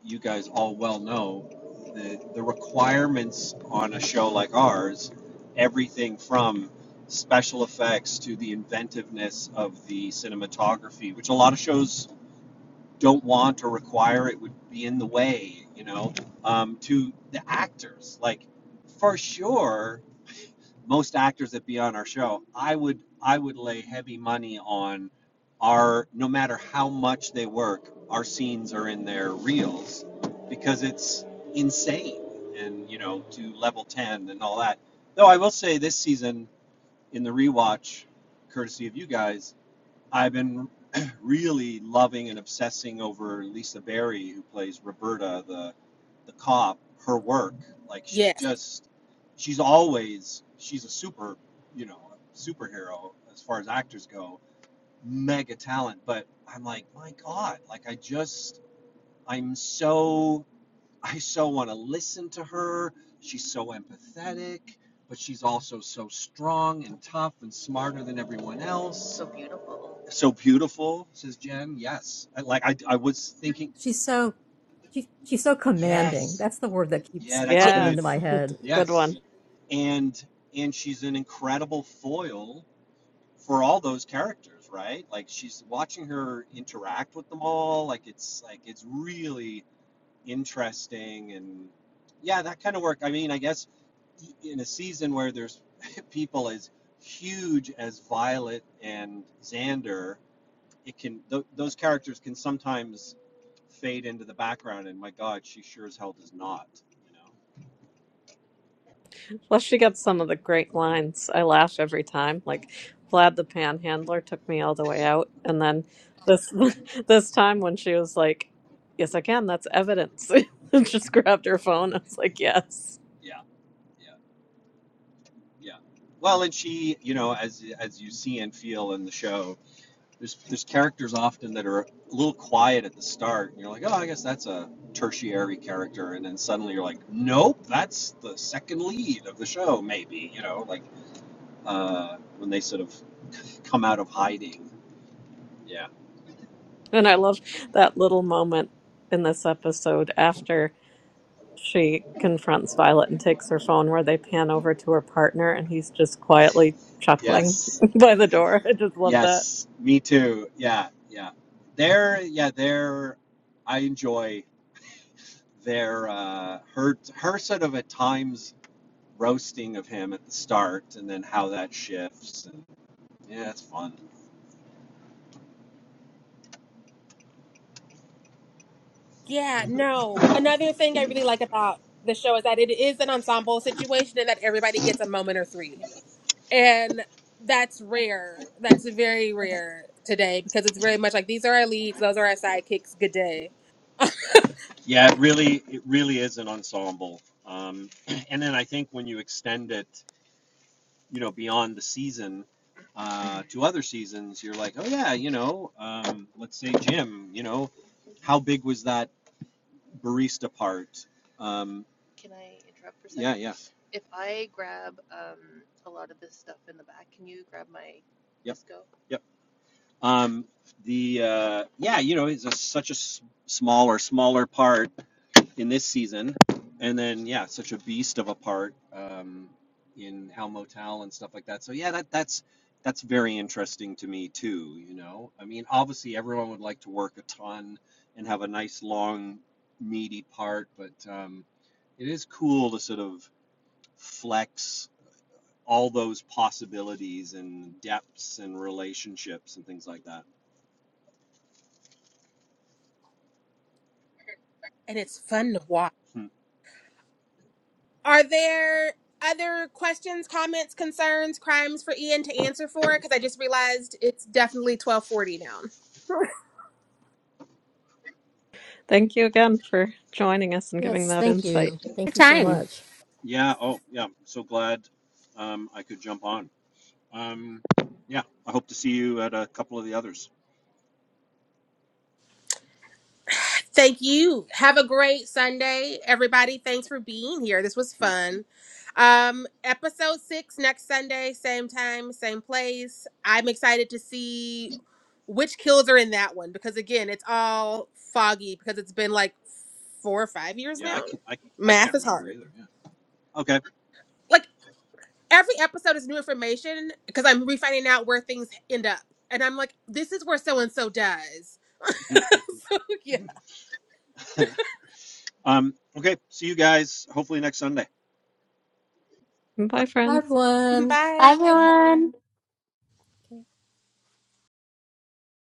[SPEAKER 6] you guys all well know the the requirements on a show like ours everything from special effects to the inventiveness of the cinematography which a lot of shows don't want or require it would be in the way you know um, to the actors like for sure most actors that be on our show i would i would lay heavy money on our no matter how much they work our scenes are in their reels because it's insane and you know to level 10 and all that though i will say this season in the rewatch courtesy of you guys I've been really loving and obsessing over Lisa Barry, who plays Roberta, the the cop. Her work, like she's
[SPEAKER 1] yes
[SPEAKER 6] just, she's always, she's a super, you know, superhero as far as actors go, mega talent. But I'm like, my God, like I just, I'm so, I so want to listen to her. She's so empathetic, but she's also so strong and tough and smarter than everyone else So beautiful, says Jen. Yes. I, like I, I was thinking,
[SPEAKER 4] she's so she, she's so commanding.
[SPEAKER 6] yes.
[SPEAKER 4] That's the word that
[SPEAKER 6] Yeah,
[SPEAKER 4] keeps
[SPEAKER 6] that's
[SPEAKER 1] yeah
[SPEAKER 4] popping into
[SPEAKER 6] good.
[SPEAKER 2] Yes,
[SPEAKER 4] my head.
[SPEAKER 2] good one.
[SPEAKER 6] Yes. And and she's an incredible foil for all those characters, right? Like she's watching her interact with them all. Like it's like it's really interesting and yeah, that kind of work. I mean, I guess e, in a season where there's people as huge as Violet and Xander, it can th- those characters can sometimes fade into the background and my god she sure as hell does not you know
[SPEAKER 2] Plus, she got some of the great lines. I laugh every time. Like Vlad the Panhandler took me all the way out, and then this this time when she was like, "Yes, I can. That's evidence," and just grabbed her phone. I was like, "Yes."
[SPEAKER 6] yeah yeah yeah well and she you know as as you see and feel in the show there's there's characters often that are a little quiet at the start and you're like oh i guess that's a tertiary character and then suddenly you're like nope that's the second lead of the show maybe you know like uh when they sort of come out of hiding yeah
[SPEAKER 2] And I love that little moment in this episode after she confronts Violet and takes her phone, where they pan over to her partner, and he's just quietly chuckling
[SPEAKER 6] yes
[SPEAKER 2] by the door. I just love that.
[SPEAKER 6] Yes, me too. Yeah, yeah. They're yeah, they're I enjoy their uh her her sort of at times roasting of him at the start and then how that shifts and yeah, it's fun.
[SPEAKER 1] yeah no another thing i really like about the show is that it is an ensemble situation and that everybody gets a moment or three and that's rare. That's very rare today because it's very much like these are our leads, those are our sidekicks. Good day,
[SPEAKER 6] Yeah, it really it really is an ensemble. Um and then I think when you extend it, you know, beyond the season uh to other seasons, you're like, "Oh yeah, you know, um let's say Jim, you know, how big was that barista part?" Um Yeah. Yep. Um, the uh, yeah, you know, it's a, such a s- smaller, smaller part in this season, and then yeah, such a beast of a part um, in Hell Motel and stuff like that. So yeah, that that's that's very interesting to me too. You know, I mean, obviously everyone would like to work a ton and have a nice long meaty part, but um, it is cool to sort of flex all those possibilities and depths and relationships and things like that.
[SPEAKER 1] and it's fun to watch.
[SPEAKER 6] Hmm.
[SPEAKER 1] Are there other questions, comments, concerns, crimes for Ian to answer for? Because I just realized it's definitely twelve forty now.
[SPEAKER 2] Thank you again for joining us and giving
[SPEAKER 4] Yes,
[SPEAKER 2] that
[SPEAKER 4] thank
[SPEAKER 2] insight.
[SPEAKER 4] you. Thank
[SPEAKER 3] Good
[SPEAKER 4] you so
[SPEAKER 3] time.
[SPEAKER 4] much.
[SPEAKER 6] Yeah. Oh, yeah. So glad um, I could jump on. Um, yeah. I hope to see you at a couple of the others.
[SPEAKER 1] Thank you. Have a great Sunday, everybody. Thanks for being here. This was
[SPEAKER 6] Hmm.
[SPEAKER 1] fun. Um, episode six next Sunday, same time, same place. I'm excited to see which kills are in that one because again, it's all foggy because it's been like four or five years
[SPEAKER 6] Yeah. I
[SPEAKER 1] now.
[SPEAKER 6] can't, I, I
[SPEAKER 1] Math
[SPEAKER 6] can't
[SPEAKER 1] is
[SPEAKER 6] remember
[SPEAKER 1] hard.
[SPEAKER 6] either. Yeah. Okay.
[SPEAKER 1] Like every episode is new information because I'm refinding out where things end up. And I'm like, this is where so and so dies. yeah.
[SPEAKER 6] um, okay. See you guys hopefully next Sunday.
[SPEAKER 2] Bye,
[SPEAKER 4] Bye,
[SPEAKER 2] friends.
[SPEAKER 4] everyone.
[SPEAKER 3] Bye,
[SPEAKER 1] Bye.
[SPEAKER 4] Bye.
[SPEAKER 3] everyone.
[SPEAKER 4] Okay.